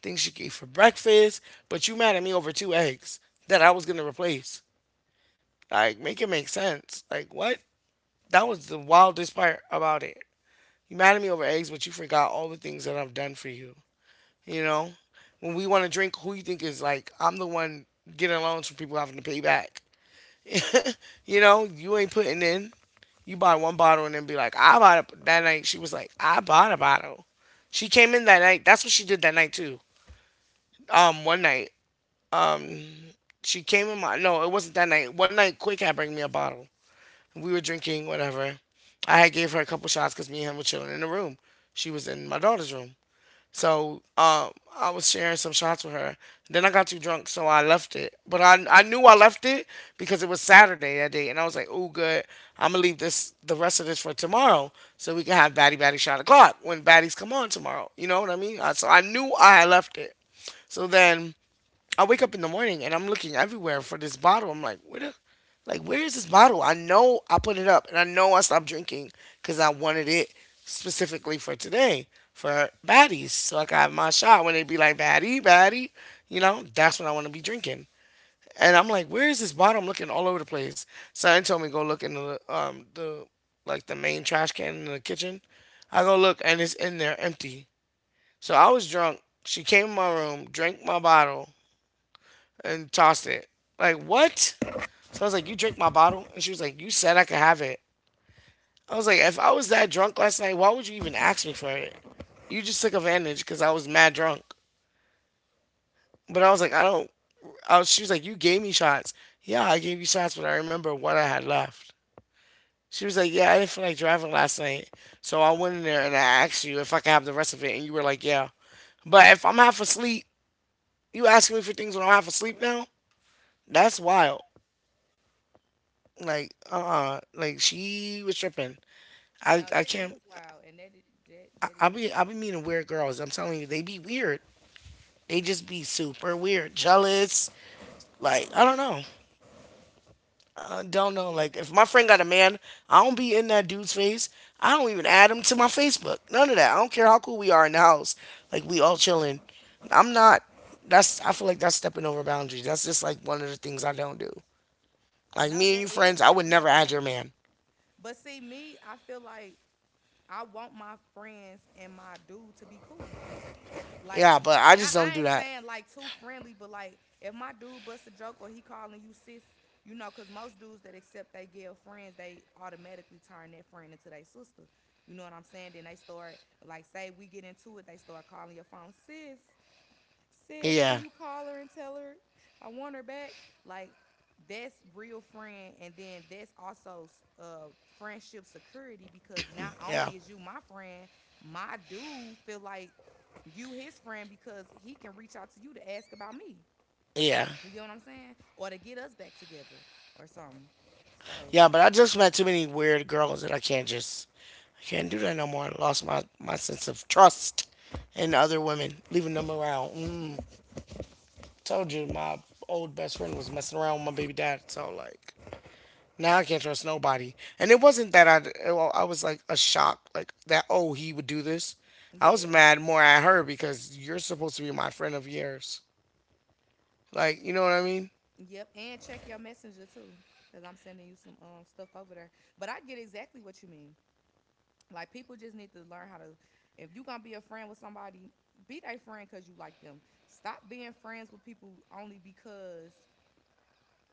S2: things she could eat for breakfast. But you mad at me over two eggs that I was gonna replace. Like, make it make sense. Like, what? That was the wildest part about it. You mad at me over eggs, but you forgot all the things that I've done for you. You know, when we want to drink, who you think is like? I'm the one getting loans from people having to pay back. (laughs) You know, you ain't putting in. You buy one bottle and then be like, I bought it that night. She was like, I bought a bottle. She came in that night. That's what she did that night too. Um, one night, um, she came in my no, it wasn't that night. One night, Quick had bring me a bottle. We were drinking, whatever. I had gave her a couple shots because me and him were chilling in the room. She was in my daughter's room. So um, I was sharing some shots with her. Then I got too drunk, so I left it. But I, I knew I left it because it was Saturday that day. And I was like, oh, good. I'm going to leave this the rest of this for tomorrow so we can have Batty Batty shot o'clock when Batties come on tomorrow. You know what I mean? I, so I knew I had left it. So then I wake up in the morning and I'm looking everywhere for this bottle. I'm like, where the, like, where is this bottle? I know I put it up and I know I stopped drinking because I wanted it specifically for today for baddies. So I got my shot when they be like, baddie, baddie, you know, that's when I want to be drinking. And I'm like, where is this bottle? I'm looking all over the place. Son told me go look in the, um, the, like the main trash can in the kitchen. I go look and it's in there empty. So I was drunk. She came in my room, drank my bottle, and tossed it. Like, what? So I was like, "You drink my bottle?" And she was like, "You said I could have it." I was like, "If I was that drunk last night, why would you even ask me for it? You just took advantage because I was mad drunk." But I was like, I don't. I was, she was like, "You gave me shots." Yeah, I gave you shots, but I remember what I had left. She was like, "Yeah, I didn't feel like driving last night. So I went in there and I asked you if I could have the rest of it. And you were like, yeah." But if I'm half asleep, you asking me for things when I'm half asleep now? That's wild. Like, uh, like she was tripping. I,
S1: No,
S2: I
S1: that
S2: can't.
S1: is wild, and that i- that that
S2: I
S1: is.
S2: be, I be meeting weird girls. I'm telling you, they be weird. They just be super weird, jealous. Like, I don't know. I don't know.
S1: Yeah.
S2: Like,
S1: That,
S2: if my friend got a man, I don't be in that dude's face. I don't even add him to my Facebook. None of that. I don't care how cool we are in the house. Like, we all chilling. I'm not. That's. I feel like that's stepping over boundaries. That's just like one of the things I don't do. Like
S1: no,
S2: me and you
S1: that is
S2: friends, I would
S1: stepping
S2: never
S1: over
S2: add your
S1: boundaries.
S2: man.
S1: But see, me, I feel like I want my friends and my dude to be cool. Like,
S2: Yeah, but I
S1: not,
S2: just don't
S1: I
S2: do
S1: ain't
S2: that.
S1: saying like too friendly, but like if my dude busts a joke or he calling you sis, you know, cause most dudes that accept they girl friends, they automatically turn that friend into their sister. You know what I'm saying? Then they start, like, say we get into it, they start calling your phone sis, sis, can
S2: Yeah,
S1: you call her and tell her I want her back? Like that's real friend, and then that's also uh friendship security because not only
S2: yeah.
S1: is you my friend, my dude feel like you his friend because he can reach out to you to ask about me.
S2: Yeah.
S1: You get what I'm saying? Or to get us back together or something. So
S2: Yeah, but I just met too many weird girls that I can't just I can't do that no more. I lost my, my sense of trust in other women, leaving them around. Mm, told you my old best friend was messing around with my baby dad, so like now I can't trust nobody. And it wasn't that I well, I was like a shock like that oh he would do this. I was
S1: yeah,
S2: mad more at her because you're supposed to be my friend of years. Like, you know what I mean?
S1: yep. And check your messenger too, cause I'm sending you some um stuff over there. But I get exactly what you mean. Like people just need to learn how to. If you gonna be a friend with somebody, be their friend because you like them. Stop being friends with people only because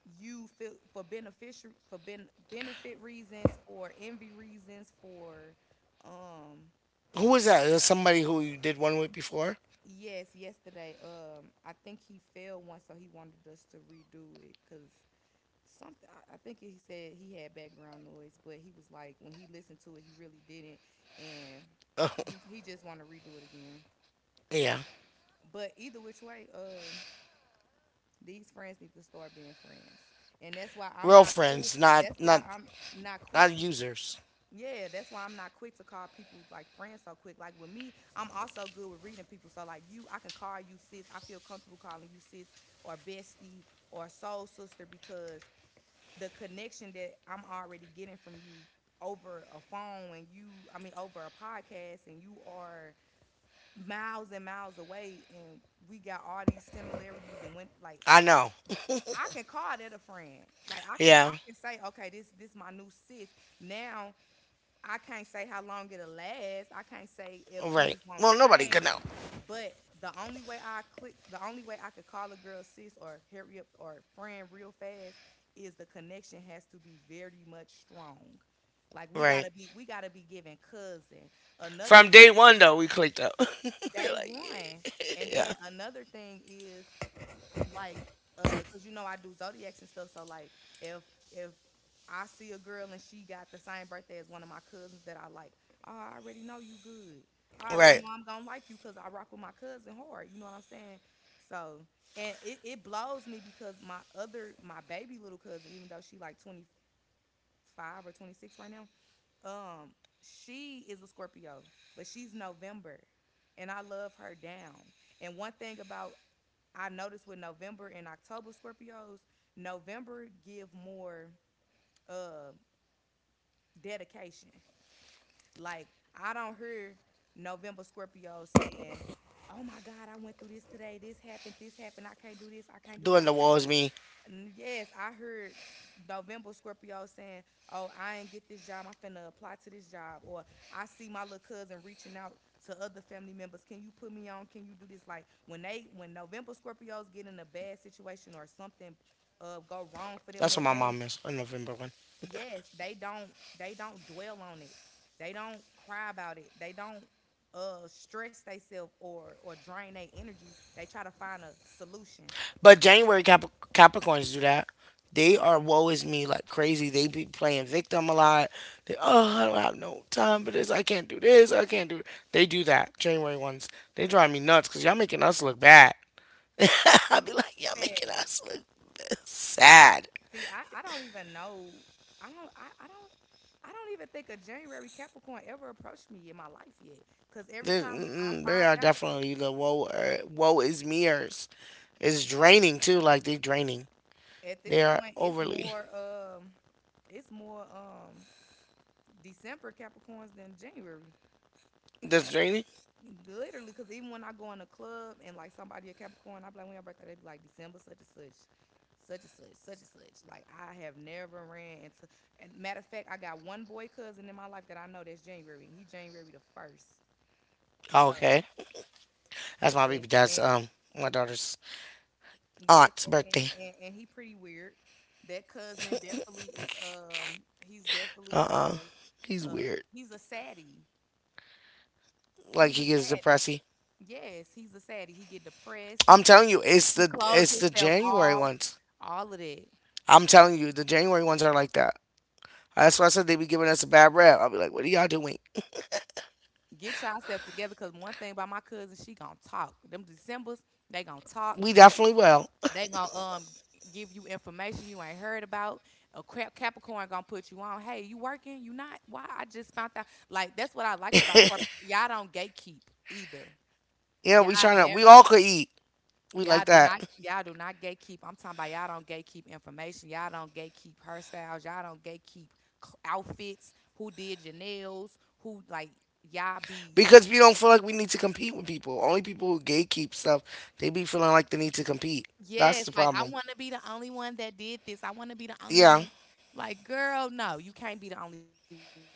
S1: you feel for beneficial for ben, benefit reasons, for envy reasons, for um.
S2: Who is that? Is that somebody who you did one with before?
S1: Yes, yesterday um I think he failed once, so he wanted us to redo it because something. I, I think he said he had background noise, but he was like when he listened to it, he really didn't, and he he just wanted to redo it again.
S2: (laughs) Yeah.
S1: But either which way, um, these friends need to start being friends, and that's why I'm
S2: Real
S1: not cool.
S2: friends, not
S1: That's
S2: not
S1: why I'm not quick
S2: not
S1: to.
S2: users.
S1: Yeah. That's why I'm not quick to call people like friends so quick. Like with me, I'm also good with reading people. So like you, I can call you sis. I feel comfortable calling you sis or bestie or soul sister because the connection that I'm already getting from you over a phone and you, I mean over a podcast, and you are miles and miles away, and we got all these similarities and went like,
S2: I know.
S1: I can call that a friend. Like I can
S2: Yeah.
S1: I can say, okay, this this my new sis. Now I can't say how long it'll last. I can't say if
S2: Right.
S1: things won't
S2: Well, nobody
S1: change.
S2: could know.
S1: But the only way I click the only way I could call a girl sis or hurry up or friend real fast is the connection has to be very much strong. Like we
S2: Right.
S1: gotta be we gotta be giving cousin. Another.
S2: From day one though, we clicked up. (laughs) We're
S1: Day
S2: like,
S1: one. And
S2: yeah. Yeah.
S1: then another thing is like, uh cuz you know I do zodiacs and stuff. So like, if if I see a girl and she got the same birthday as one of my cousins that I like, oh, I already know you good. I
S2: Right.
S1: already know I'm going to like you cuz I rock with my cousin hard, you know what I'm saying? So, and it, it blows me because my other my baby little cousin, even though she like twenty-five or twenty-six right now, um, she is a Scorpio, but she's November, and I love her down. And one thing about, I noticed with November and October Scorpios, November give more uh, dedication. Like I don't hear November Scorpios saying, "Oh my God, I went through this today. This happened. This happened. I can't do this. I can't do
S2: Doing
S1: that.
S2: the
S1: I can't
S2: walls
S1: do."
S2: me.
S1: N- Yes, I heard November Scorpio saying, "Oh, I ain't get this job. I'm finna apply to this job." Or I see my little cousin reaching out to other family members. Can you put me on? Can you do this? Like when they, when November Scorpios get in a bad situation or something uh, go wrong for them
S2: That's what
S1: that
S2: my
S1: day,
S2: mom is. A November one.
S1: yes, they don't, they don't dwell on it. They don't cry about it. They don't uh stress themselves or or drain their energy. They try to find a solution.
S2: But January Cap- Capricorns do that. They are woe is me like crazy. They be playing victim a lot. They oh I don't have no time for this. I can't do this. I can't do. it. They do that. January ones. They drive me nuts because y'all making us look bad. (laughs) I'll be like, y'all making us look sad.
S1: See, I, I don't even know. I don't I, I don't I don't even think a January Capricorn ever approached me in my life yet. Cause every
S2: This-
S1: time I
S2: mm, They
S1: find
S2: are
S1: out,
S2: definitely the woe, uh, woe is meers. It's draining too. Like they draining.
S1: at
S2: They
S1: this
S2: are
S1: point it's
S2: overly.
S1: more um it's more um December Capricorns than January.
S2: That's draining.
S1: Literally, cause even when I go in a club and like somebody a Capricorn, I be like, when your birthday, they be like December such and such, such and such, such and such. Like I have never ran into, and matter of fact, I got one boy cousin in my life that I know that's January, and he January the first. So.
S2: Okay, that's my baby
S1: And,
S2: dad's
S1: and
S2: um my daughter's
S1: yes,
S2: aunt's
S1: and,
S2: birthday.
S1: and, and, and he pretty weird. That cousin definitely is, um, he's definitely
S2: He's
S1: uh uh
S2: weird.
S1: he's a saddie.
S2: Like
S1: He's
S2: he
S1: a
S2: gets
S1: saddie.
S2: depressy.
S1: Yes, he's a saddie. He get depressed. He
S2: I'm
S1: he,
S2: telling you, it's
S1: he
S2: the
S1: close
S2: it's the
S1: himself
S2: January
S1: off.
S2: ones.
S1: All of that.
S2: I'm telling you, the January ones are like that. That's why I said they be giving us a bad rap. I'll be like, what are y'all doing?
S1: Get yourself together because one thing about my cousin, she gonna talk. Them Decembers, they gonna talk.
S2: We definitely will.
S1: They gonna um give you information you ain't heard about. A crap Capricorn gonna put you on. Hey, you working? You not? Why? I just found out. Like that's what I like about corp. Y'all don't gatekeep either.
S2: Yeah,
S1: Y'all
S2: we trying to.
S1: never.
S2: We all could eat. We
S1: Y'all
S2: like
S1: do not.
S2: that
S1: Y'all do not gatekeep. I'm talking about y'all don't gatekeep information. Y'all don't gatekeep hairstyles. Y'all don't gatekeep cl- outfits. Who did your nails? Who like y'all be?
S2: because we don't feel like we need to compete with people. Only people who gatekeep stuff, they be feeling like they need to compete. That's
S1: Yes,
S2: the
S1: like I
S2: problem.
S1: want to be the only one that did this. I want to be the only one
S2: Yeah,
S1: that. Like, girl, no, you can't be the only one.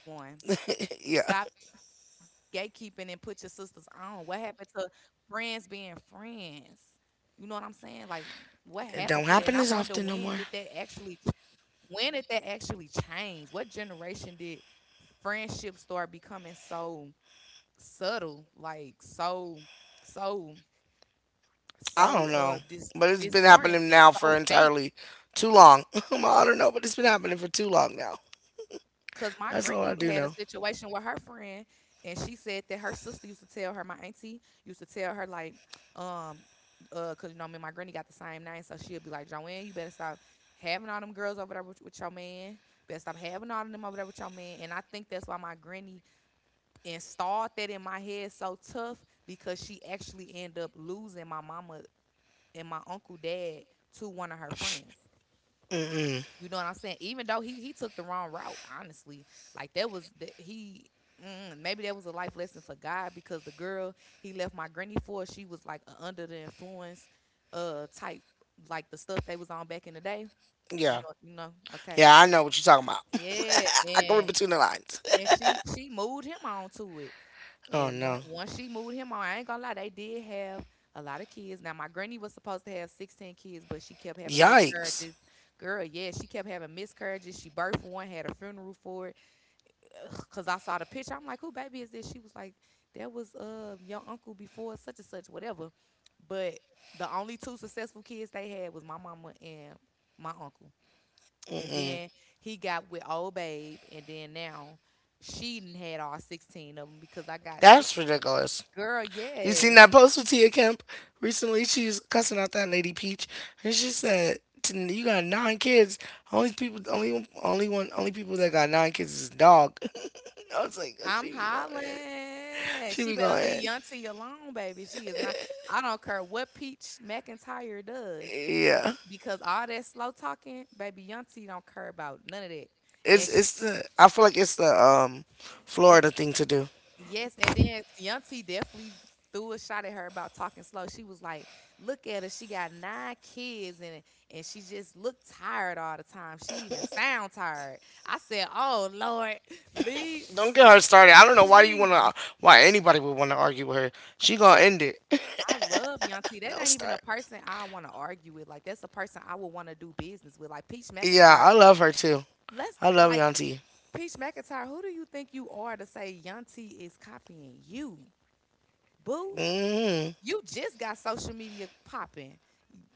S2: (laughs) yeah.
S1: Stop gatekeeping and put your sisters on. What happened to friends being friends? You know what I'm saying? Like, what
S2: It don't
S1: happened to that? And
S2: happen
S1: I
S2: as
S1: wonder,
S2: often no
S1: when
S2: more.
S1: did that actually ch- when did that actually change? What generation did friendship start becoming so subtle, like so, so,
S2: I don't know,
S1: so uh
S2: but
S1: dis
S2: it's been happening now
S1: disoriented,
S2: for
S1: so
S2: entirely
S1: fake?
S2: too long. (laughs) I don't know, but it's been happening for too long now.
S1: Cause my
S2: That's all I
S1: granny
S2: do
S1: had a
S2: know.
S1: situation with her friend, and she said that her sister used to tell her, my auntie used to tell her, like, um, uh, cause you know, me and my granny got the same name, so she'll be like, "Joanne, you better stop having all them girls over there with, with your man. Better stop having all of them over there with your man." And I think that's why my granny installed that in my head so tough, because she actually ended up losing my mama and my uncle dad to one of her friends.
S2: Mm-mm.
S1: You know what I'm saying? Even though he he took the wrong route, honestly, like that was the, he. Mm, maybe that was a life lesson for God, because the girl he left my granny for, she was like a under the influence, uh, type, like the stuff they was on back in the day. You
S2: Yeah,
S1: know, you know, okay,
S2: yeah, I know what you're talking about.
S1: yeah,
S2: (laughs) I can
S1: and
S2: read between the lines.
S1: and
S2: (laughs)
S1: she she moved him on to it,
S2: Oh
S1: and on-
S2: no.
S1: once she moved him on, I ain't gonna lie, they did have a lot of kids. Now my granny was supposed to have sixteen kids, but she kept having
S2: Yikes.
S1: miscarriages. Girl, yeah, she kept having miscarriages. She birthed one, had a funeral for it. Ugh, cause I saw the picture. I'm like, "Who baby is this?" She was like, "That was uh your uncle before such and such," whatever. But the only two successful kids they had was my mama and my uncle. And
S2: Mm-mm.
S1: then he got with old babe, and then now she done had all sixteen of them, because I got six.
S2: That's ridiculous.
S1: Girl,
S2: You
S1: yes.
S2: seen that post with Tia Kemp recently? She was cussing out that lady Peach, and she said, "T- You got nine kids. Only people, only one- only one, only people that got nine kids is dog." (laughs) I was like, "Oh,
S1: I'm
S2: she be going in.
S1: hollering.
S2: She
S1: She
S2: be
S1: better
S2: going
S1: leave
S2: in."
S1: Yunty alone, baby. She is not. I don't care what Peach McIntyre does,
S2: Yeah,
S1: because all that slow talking, baby, Yunty don't care about none of that.
S2: it's
S1: And she,
S2: it's the. I feel like it's the um
S1: and
S2: Florida thing to do.
S1: Yes, and then Yunty definitely threw a shot at her about talking slow. She was like, "Look at her. She got nine kids, and and she just looked tired all the time. She even sound tired." I said, "Oh Lord, leave,
S2: Don't get her started. I don't know why do you wanna
S1: please."
S2: Why anybody would wanna argue with her. She gonna end it.
S1: I love Yanti.
S2: (laughs)
S1: That
S2: Don't
S1: ain't even a
S2: start.
S1: person I want to argue with. Like that's a person I would want to do business with. Like Peach
S2: Yeah,
S1: McIntyre.
S2: I love her too.
S1: Let's
S2: I love
S1: like
S2: Yanti.
S1: Peach McIntyre. Who do you think you are to say Yanti is copying you, boo?
S2: Mm-hmm.
S1: You just got social media popping.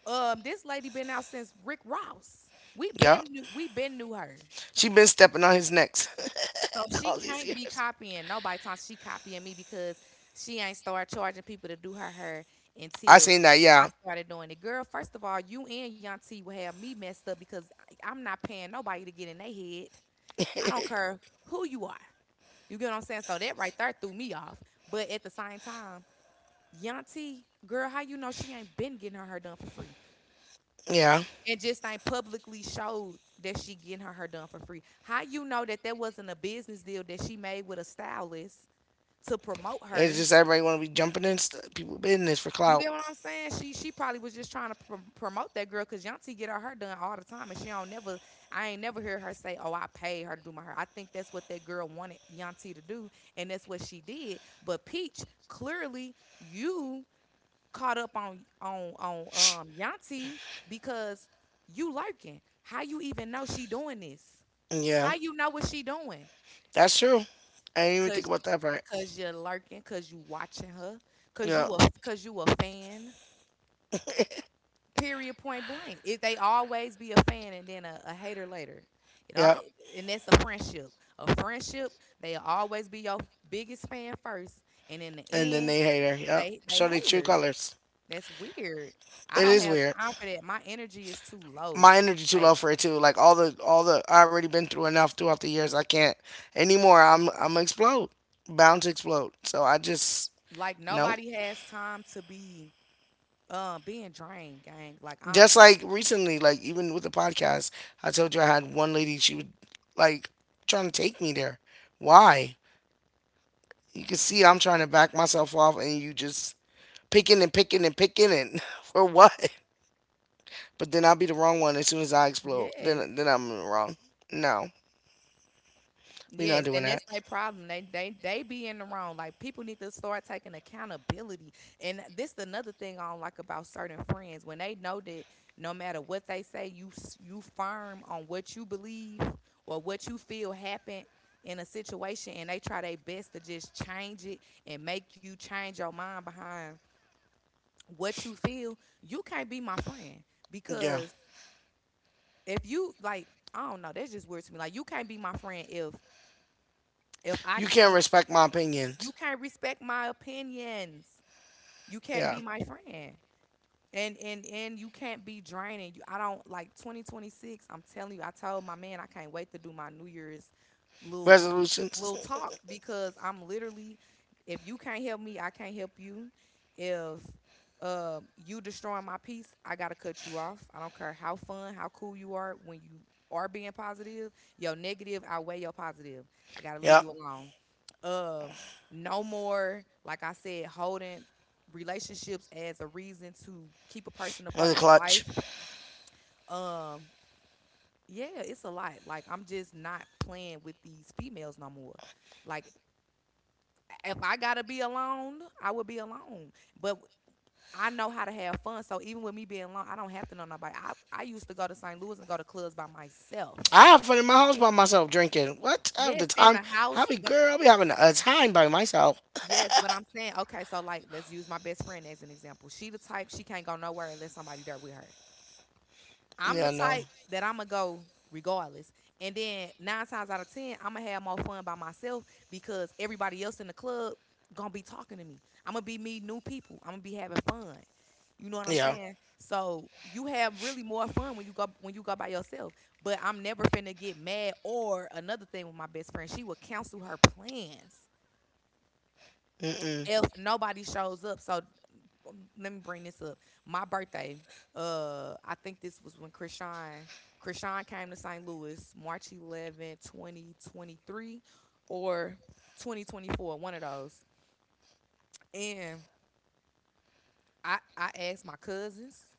S1: Um, this lady been out since Rick Ross. We
S2: Yep.
S1: been knew, we been knew her.
S2: She been stepping on his necks
S1: So
S2: (laughs)
S1: she
S2: all these
S1: can't be
S2: years.
S1: copying nobody, time she copying me, because she ain't start charging people to do her hair
S2: I
S1: until
S2: seen that, yeah.
S1: I started doing it. Girl, first of all, you and Young T will have me messed up, because I- I'm not paying nobody to get in their head. I don't care who you are. You get what I'm saying? So that right there threw me off. But at the same time, Young T, girl, how you know she ain't been getting her hair done for free?
S2: Yeah.
S1: And just ain't publicly showed that she getting her hair done for free. How you know that that wasn't a business deal that she made with a stylist to promote
S2: It's
S1: her.
S2: just everybody want to be jumping in st- people business for
S1: You
S2: clout.
S1: get what I'm saying? She she probably was just trying to pr- promote that girl, because Yanti get her hair done all the time, and she don't never. I ain't never hear her say, "Oh, I paid her to do my hair." I think that's what that girl wanted Yanti to do, and that's what she did. But Peach, clearly, you caught up on on on um Yanti, because you lurking. How you even know she doing this?
S2: Yeah.
S1: How you know what she doing?
S2: That's true. I didn't even think
S1: Cause
S2: about that part.
S1: cause you're lurking, cause you watching her, cause
S2: Yeah.
S1: you a cause you a fan. Period. Point blank. It, they always be a fan and then a, a hater later. It all
S2: Yeah.
S1: And that's a friendship. A friendship, they always be your biggest fan first, and in the
S2: And then
S1: end,
S2: they hate her. Yeah,
S1: they they
S2: show their true
S1: haters.
S2: colors.
S1: That's weird. I
S2: It
S1: don't
S2: is
S1: have
S2: weird.
S1: time for that. My energy is too low.
S2: My energy too
S1: Like
S2: low for it too. Like all the all the I already been through enough throughout the years. I can't anymore. I'm I'm explode. Bound to explode. So I just
S1: like
S2: no.
S1: nobody has time to be um being drained, gang. Like I
S2: Just like recently, like even with the podcast, I told you I had one lady. She would like trying to take me there. Why? You can see I'm trying to back myself off, and you just picking and picking and picking and (laughs) for what? But then I'll be the wrong one as soon as I explode.
S1: yes,
S2: Then then I'm wrong. No, we not
S1: Yes,
S2: doing
S1: and that's
S2: that.
S1: their problem. They they they be in the wrong. Like people need to start taking accountability. And this another thing I don't like about certain friends, when they know that no matter what they say, you s- you firm on what you believe or what you feel happened in a situation, and they try their best to just change it and make you change your mind behind what you feel. You can't be my friend
S2: Yeah,
S1: because if you like, I don't know. That's just weird to me. Like you can't be my friend if if I
S2: you can't
S1: can't
S2: respect my
S1: you
S2: opinions.
S1: can't respect my opinions. You can't
S2: Yeah,
S1: be my friend. And and and you can't be draining. You, I don't like twenty twenty-six. I'm telling you, I told my man I can't wait to do my New Year's little little
S2: resolutions.
S1: little talk, because I'm literally, if you can't help me, I can't help you. If uh, you destroying my peace, I gotta cut you off. I don't care how fun, how cool you are when you are being positive. Your negative outweigh your positive. I gotta leave
S2: Yeah,
S1: you alone, um no more, like I said, holding relationships as a reason to keep a person a
S2: was
S1: part
S2: a
S1: of your
S2: clutch.
S1: life. Um, yeah, it's a lot. Like I'm just not playing with these females no more. Like if I gotta be alone, I will be alone. But I know how to have fun. So even with me being alone, I don't have to know nobody. I, I used to go to Saint Louis and go to clubs by myself.
S2: I have fun in my house by myself drinking. What? I have the
S1: Yes, in
S2: time.
S1: the
S2: I
S1: house,
S2: be
S1: but
S2: girl. I be having a time by myself.
S1: yes, but I'm saying, okay, so like let's use my best friend as an example. She the type, she can't go nowhere unless somebody there with her. I'm the
S2: Yeah, no.
S1: type that I'm gonna go regardless. And then nine times out of ten, I'm gonna have more fun by myself, because everybody else in the club gonna be talking to me. I'm gonna be meeting new people. I'm gonna be having fun. You know what I'm
S2: Yeah.
S1: saying? So you have really more fun when you go when you go by yourself. But I'm never finna get mad. Or another thing with my best friend, she will cancel her plans
S2: Mm-mm.
S1: if nobody shows up. So um, let me bring this up. My birthday. Uh, I think this was when Krishan Krishan came to Saint Louis, March eleventh twenty twenty-three, or twenty twenty-four, one of those. And I I asked my cousins.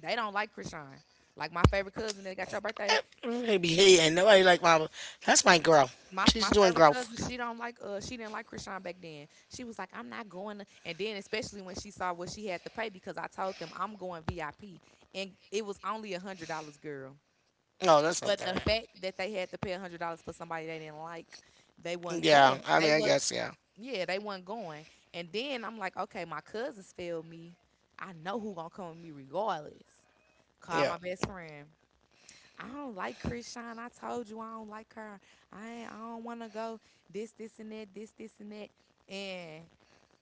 S1: They don't like Krishan. Like my favorite cousin that got your birthday.
S2: They be hating. Nobody like my. That's my girl.
S1: My my
S2: She's doing
S1: favorite
S2: growth.
S1: cousin, she don't like uh she didn't like Krishan back then. She was like, "I'm not going to," and then especially when she saw what she had to pay, because I told them I'm going V I P, and it was only a hundred dollars, girl.
S2: No, that's not
S1: But
S2: that
S1: the
S2: bad.
S1: fact that they had to pay a hundred dollars for somebody they didn't like, they wasn't
S2: Yeah.
S1: going.
S2: I
S1: They
S2: mean, I
S1: was
S2: guess, yeah.
S1: yeah, they wasn't going. And then I'm like, okay, my cousins failed me. I know who gonna come with me regardless. Call
S2: Yeah.
S1: my best friend. I don't like Chris I told you I don't like her. I ain't, I don't want to go, this, this, and that, this, this, and that. And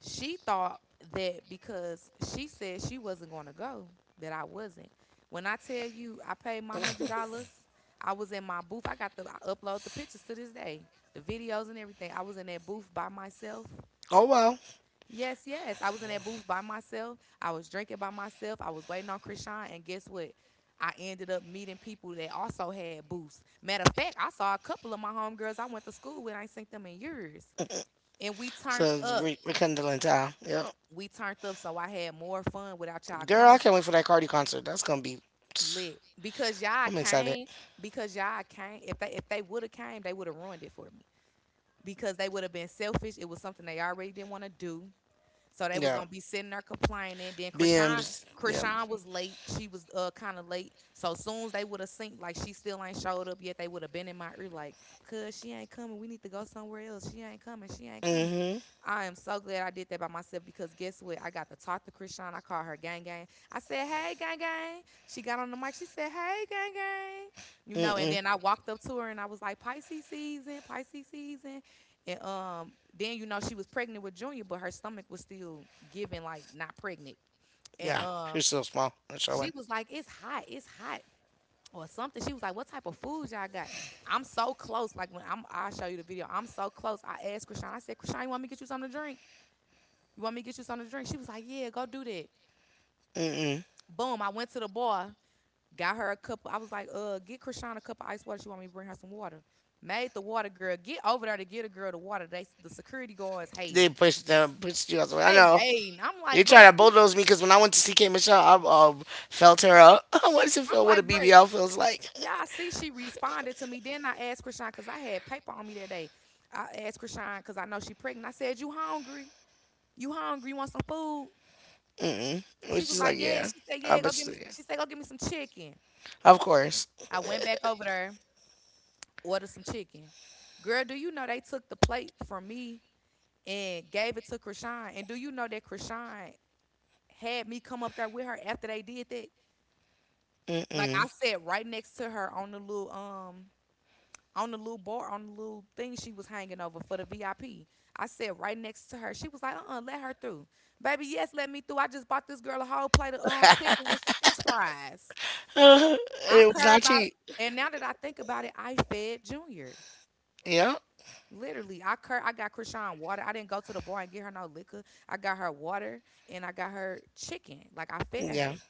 S1: she thought that because she said she wasn't going to go, that I wasn't. When I tell you, I paid my one hundred dollars, I was in my booth. I got the I upload the pictures to this day, the videos and everything. I was in that booth by myself.
S2: Oh, well.
S1: Yes, yes. I was in that booth by myself. I was drinking by myself. I was waiting on Krishan, and guess what? I ended up meeting people that also had booths. Matter of fact, I saw a couple of my homegirls I went to school with. I ain't seen them in years, and we turned
S2: So it's
S1: up.
S2: re- rekindling time. Yeah.
S1: We turned up, so I had more fun without y'all
S2: Girl, I
S1: coming,
S2: can't wait for that Cardi concert. That's going to be.
S1: lit, because y'all
S2: I'm excited.
S1: came. Because y'all came. If they if they would have came, they would have ruined it for me, because they would have been selfish. It was something they already didn't want to do. So they was
S2: Yeah.
S1: gonna be sitting there complaining. Then Krishan,
S2: B Ms. Yeah.
S1: Krishan was late. She was uh kind of late. So soon as they would have synced, like she still ain't showed up yet, they would have been in my ear like, "Cause she ain't coming. We need to go somewhere else. She ain't coming. She ain't coming."
S2: Mm-hmm.
S1: I am so glad I did that by myself, because guess what? I got to talk to Krishan. I called her Gang Gang. I said, "Hey, Gang Gang." She got on the mic. She said, "Hey, Gang Gang." You know, and
S2: Mm-mm.
S1: then I walked up to her and I was like, "Pisces season, Pisces season." And um, then, you know, she was pregnant with Junior, but her stomach was still giving, like, not pregnant. And
S2: Yeah.
S1: um,
S2: She's so small. That's
S1: She
S2: showing.
S1: was like, it's hot. It's hot. Or something. She was like, "What type of food y'all got?" I'm so close. Like when I'm, I'll show you the video. I'm so close. I asked Krishan. I said, "Krishan, you want me to get you something to drink? You want me to get you something to drink?" She was like, yeah, go do that.
S2: Mm-mm.
S1: Boom, I went to the bar, got her a cup. I was like, uh, get Krishan a cup of ice water. She want me to bring her some water. Made the water girl get over there to get a girl the water. They the security guards
S2: They
S1: hating.
S2: pushed them, pushed you out the way. I
S1: They
S2: know.
S1: hating. I'm
S2: They
S1: like, bruh,
S2: tried to
S1: she-
S2: bulldoze me because when I went to C K Michelle, I um, felt her up. (laughs) What does it
S1: I'm
S2: feel? What a
S1: like, bruh,
S2: B B L feels like?
S1: y'all see she responded to me. Then I asked Krishan because I had paper on me that day. I asked Krishan because I know she pregnant. I said, you hungry? You hungry? You want some food?
S2: (laughs) Mm-mm. It
S1: She
S2: was
S1: was
S2: just
S1: like,
S2: like,
S1: yeah.
S2: yeah,
S1: She said,
S2: I
S1: yeah, go
S2: bet
S1: get
S2: you,
S1: me.
S2: yeah.
S1: She said, go get me some chicken.
S2: Of course.
S1: I went back over there, order some chicken. Girl, do you know they took the plate from me and gave it to Krishan? And do you know that Krishan had me come up there with her after they did that? Like I
S2: Mm-mm.
S1: sat right next to her on the little um on the little bar, on the little thing she was hanging over for the V I P. I P. I sat right next to her. She was like, uh uh let her through. Baby, yes, let me through. I just bought this girl a whole plate of um chicken and some french fries.
S2: (laughs) And
S1: I
S2: it was
S1: care
S2: not
S1: about
S2: cheap.
S1: and now that I think about it, I fed Junior.
S2: Yeah,
S1: Literally, I cur- I got Krishan water. I didn't go to the bar and get her no liquor. I got her water and I got her chicken. Like I fed
S2: yeah.
S1: her.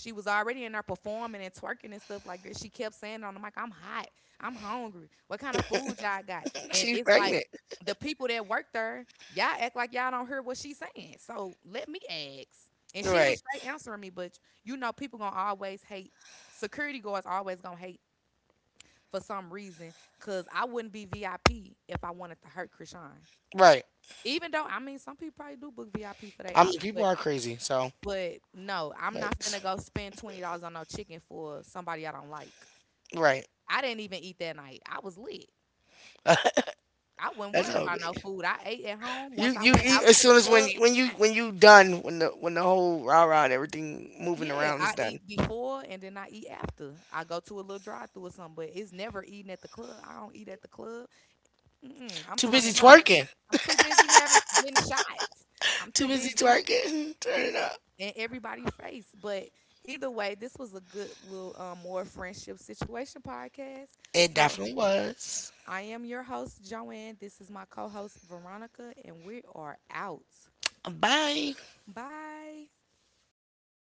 S1: She was already in there performing and twerking and stuff like that. She kept saying on the mic, "I'm hot. I'm hungry. What kind of food y'all got?"
S2: (laughs)
S1: And
S2: She's
S1: it's like
S2: pregnant.
S1: the people that work there, y'all act like y'all don't hear what she's saying. So let me ask. And she was
S2: Right,
S1: straight answering me, but you know, people gonna always hate. Security guards always gonna hate for some reason, because I wouldn't be V I P if I wanted to hurt Krishan.
S2: right.
S1: Even though, I mean, some people probably do book V I P for their
S2: I mean,
S1: ops,
S2: people
S1: but
S2: are crazy. So,
S1: but no, I'm not
S2: like,
S1: finna go spend twenty dollars on no chicken for somebody I don't like.
S2: right.
S1: I didn't even eat that night. I was lit. I wasn't
S2: That's
S1: worried
S2: how it
S1: about
S2: be.
S1: no food. I ate at home.
S2: You,
S1: Once I
S2: you
S1: went
S2: eat
S1: out
S2: as
S1: to the
S2: soon as when
S1: club,
S2: you, when you when you done when the when the whole rah rah and everything moving
S1: yeah,
S2: around is
S1: I
S2: done.
S1: eat before and then I eat after. I go to a little drive through or something, but it's never eating at the club. I don't eat at the club. Mm-mm, I'm
S2: Too busy
S1: turning up.
S2: twerking.
S1: I'm too busy having getting shots. I'm
S2: Too
S1: too
S2: busy
S1: busy
S2: twerking. (laughs) Turn it up.
S1: in everybody's face. But either way, this was a good little um, more friendship situation podcast.
S2: It
S1: So
S2: definitely was.
S1: I am your host Joanne. This is my co-host Veronica, and we are out.
S2: Bye.
S1: Bye.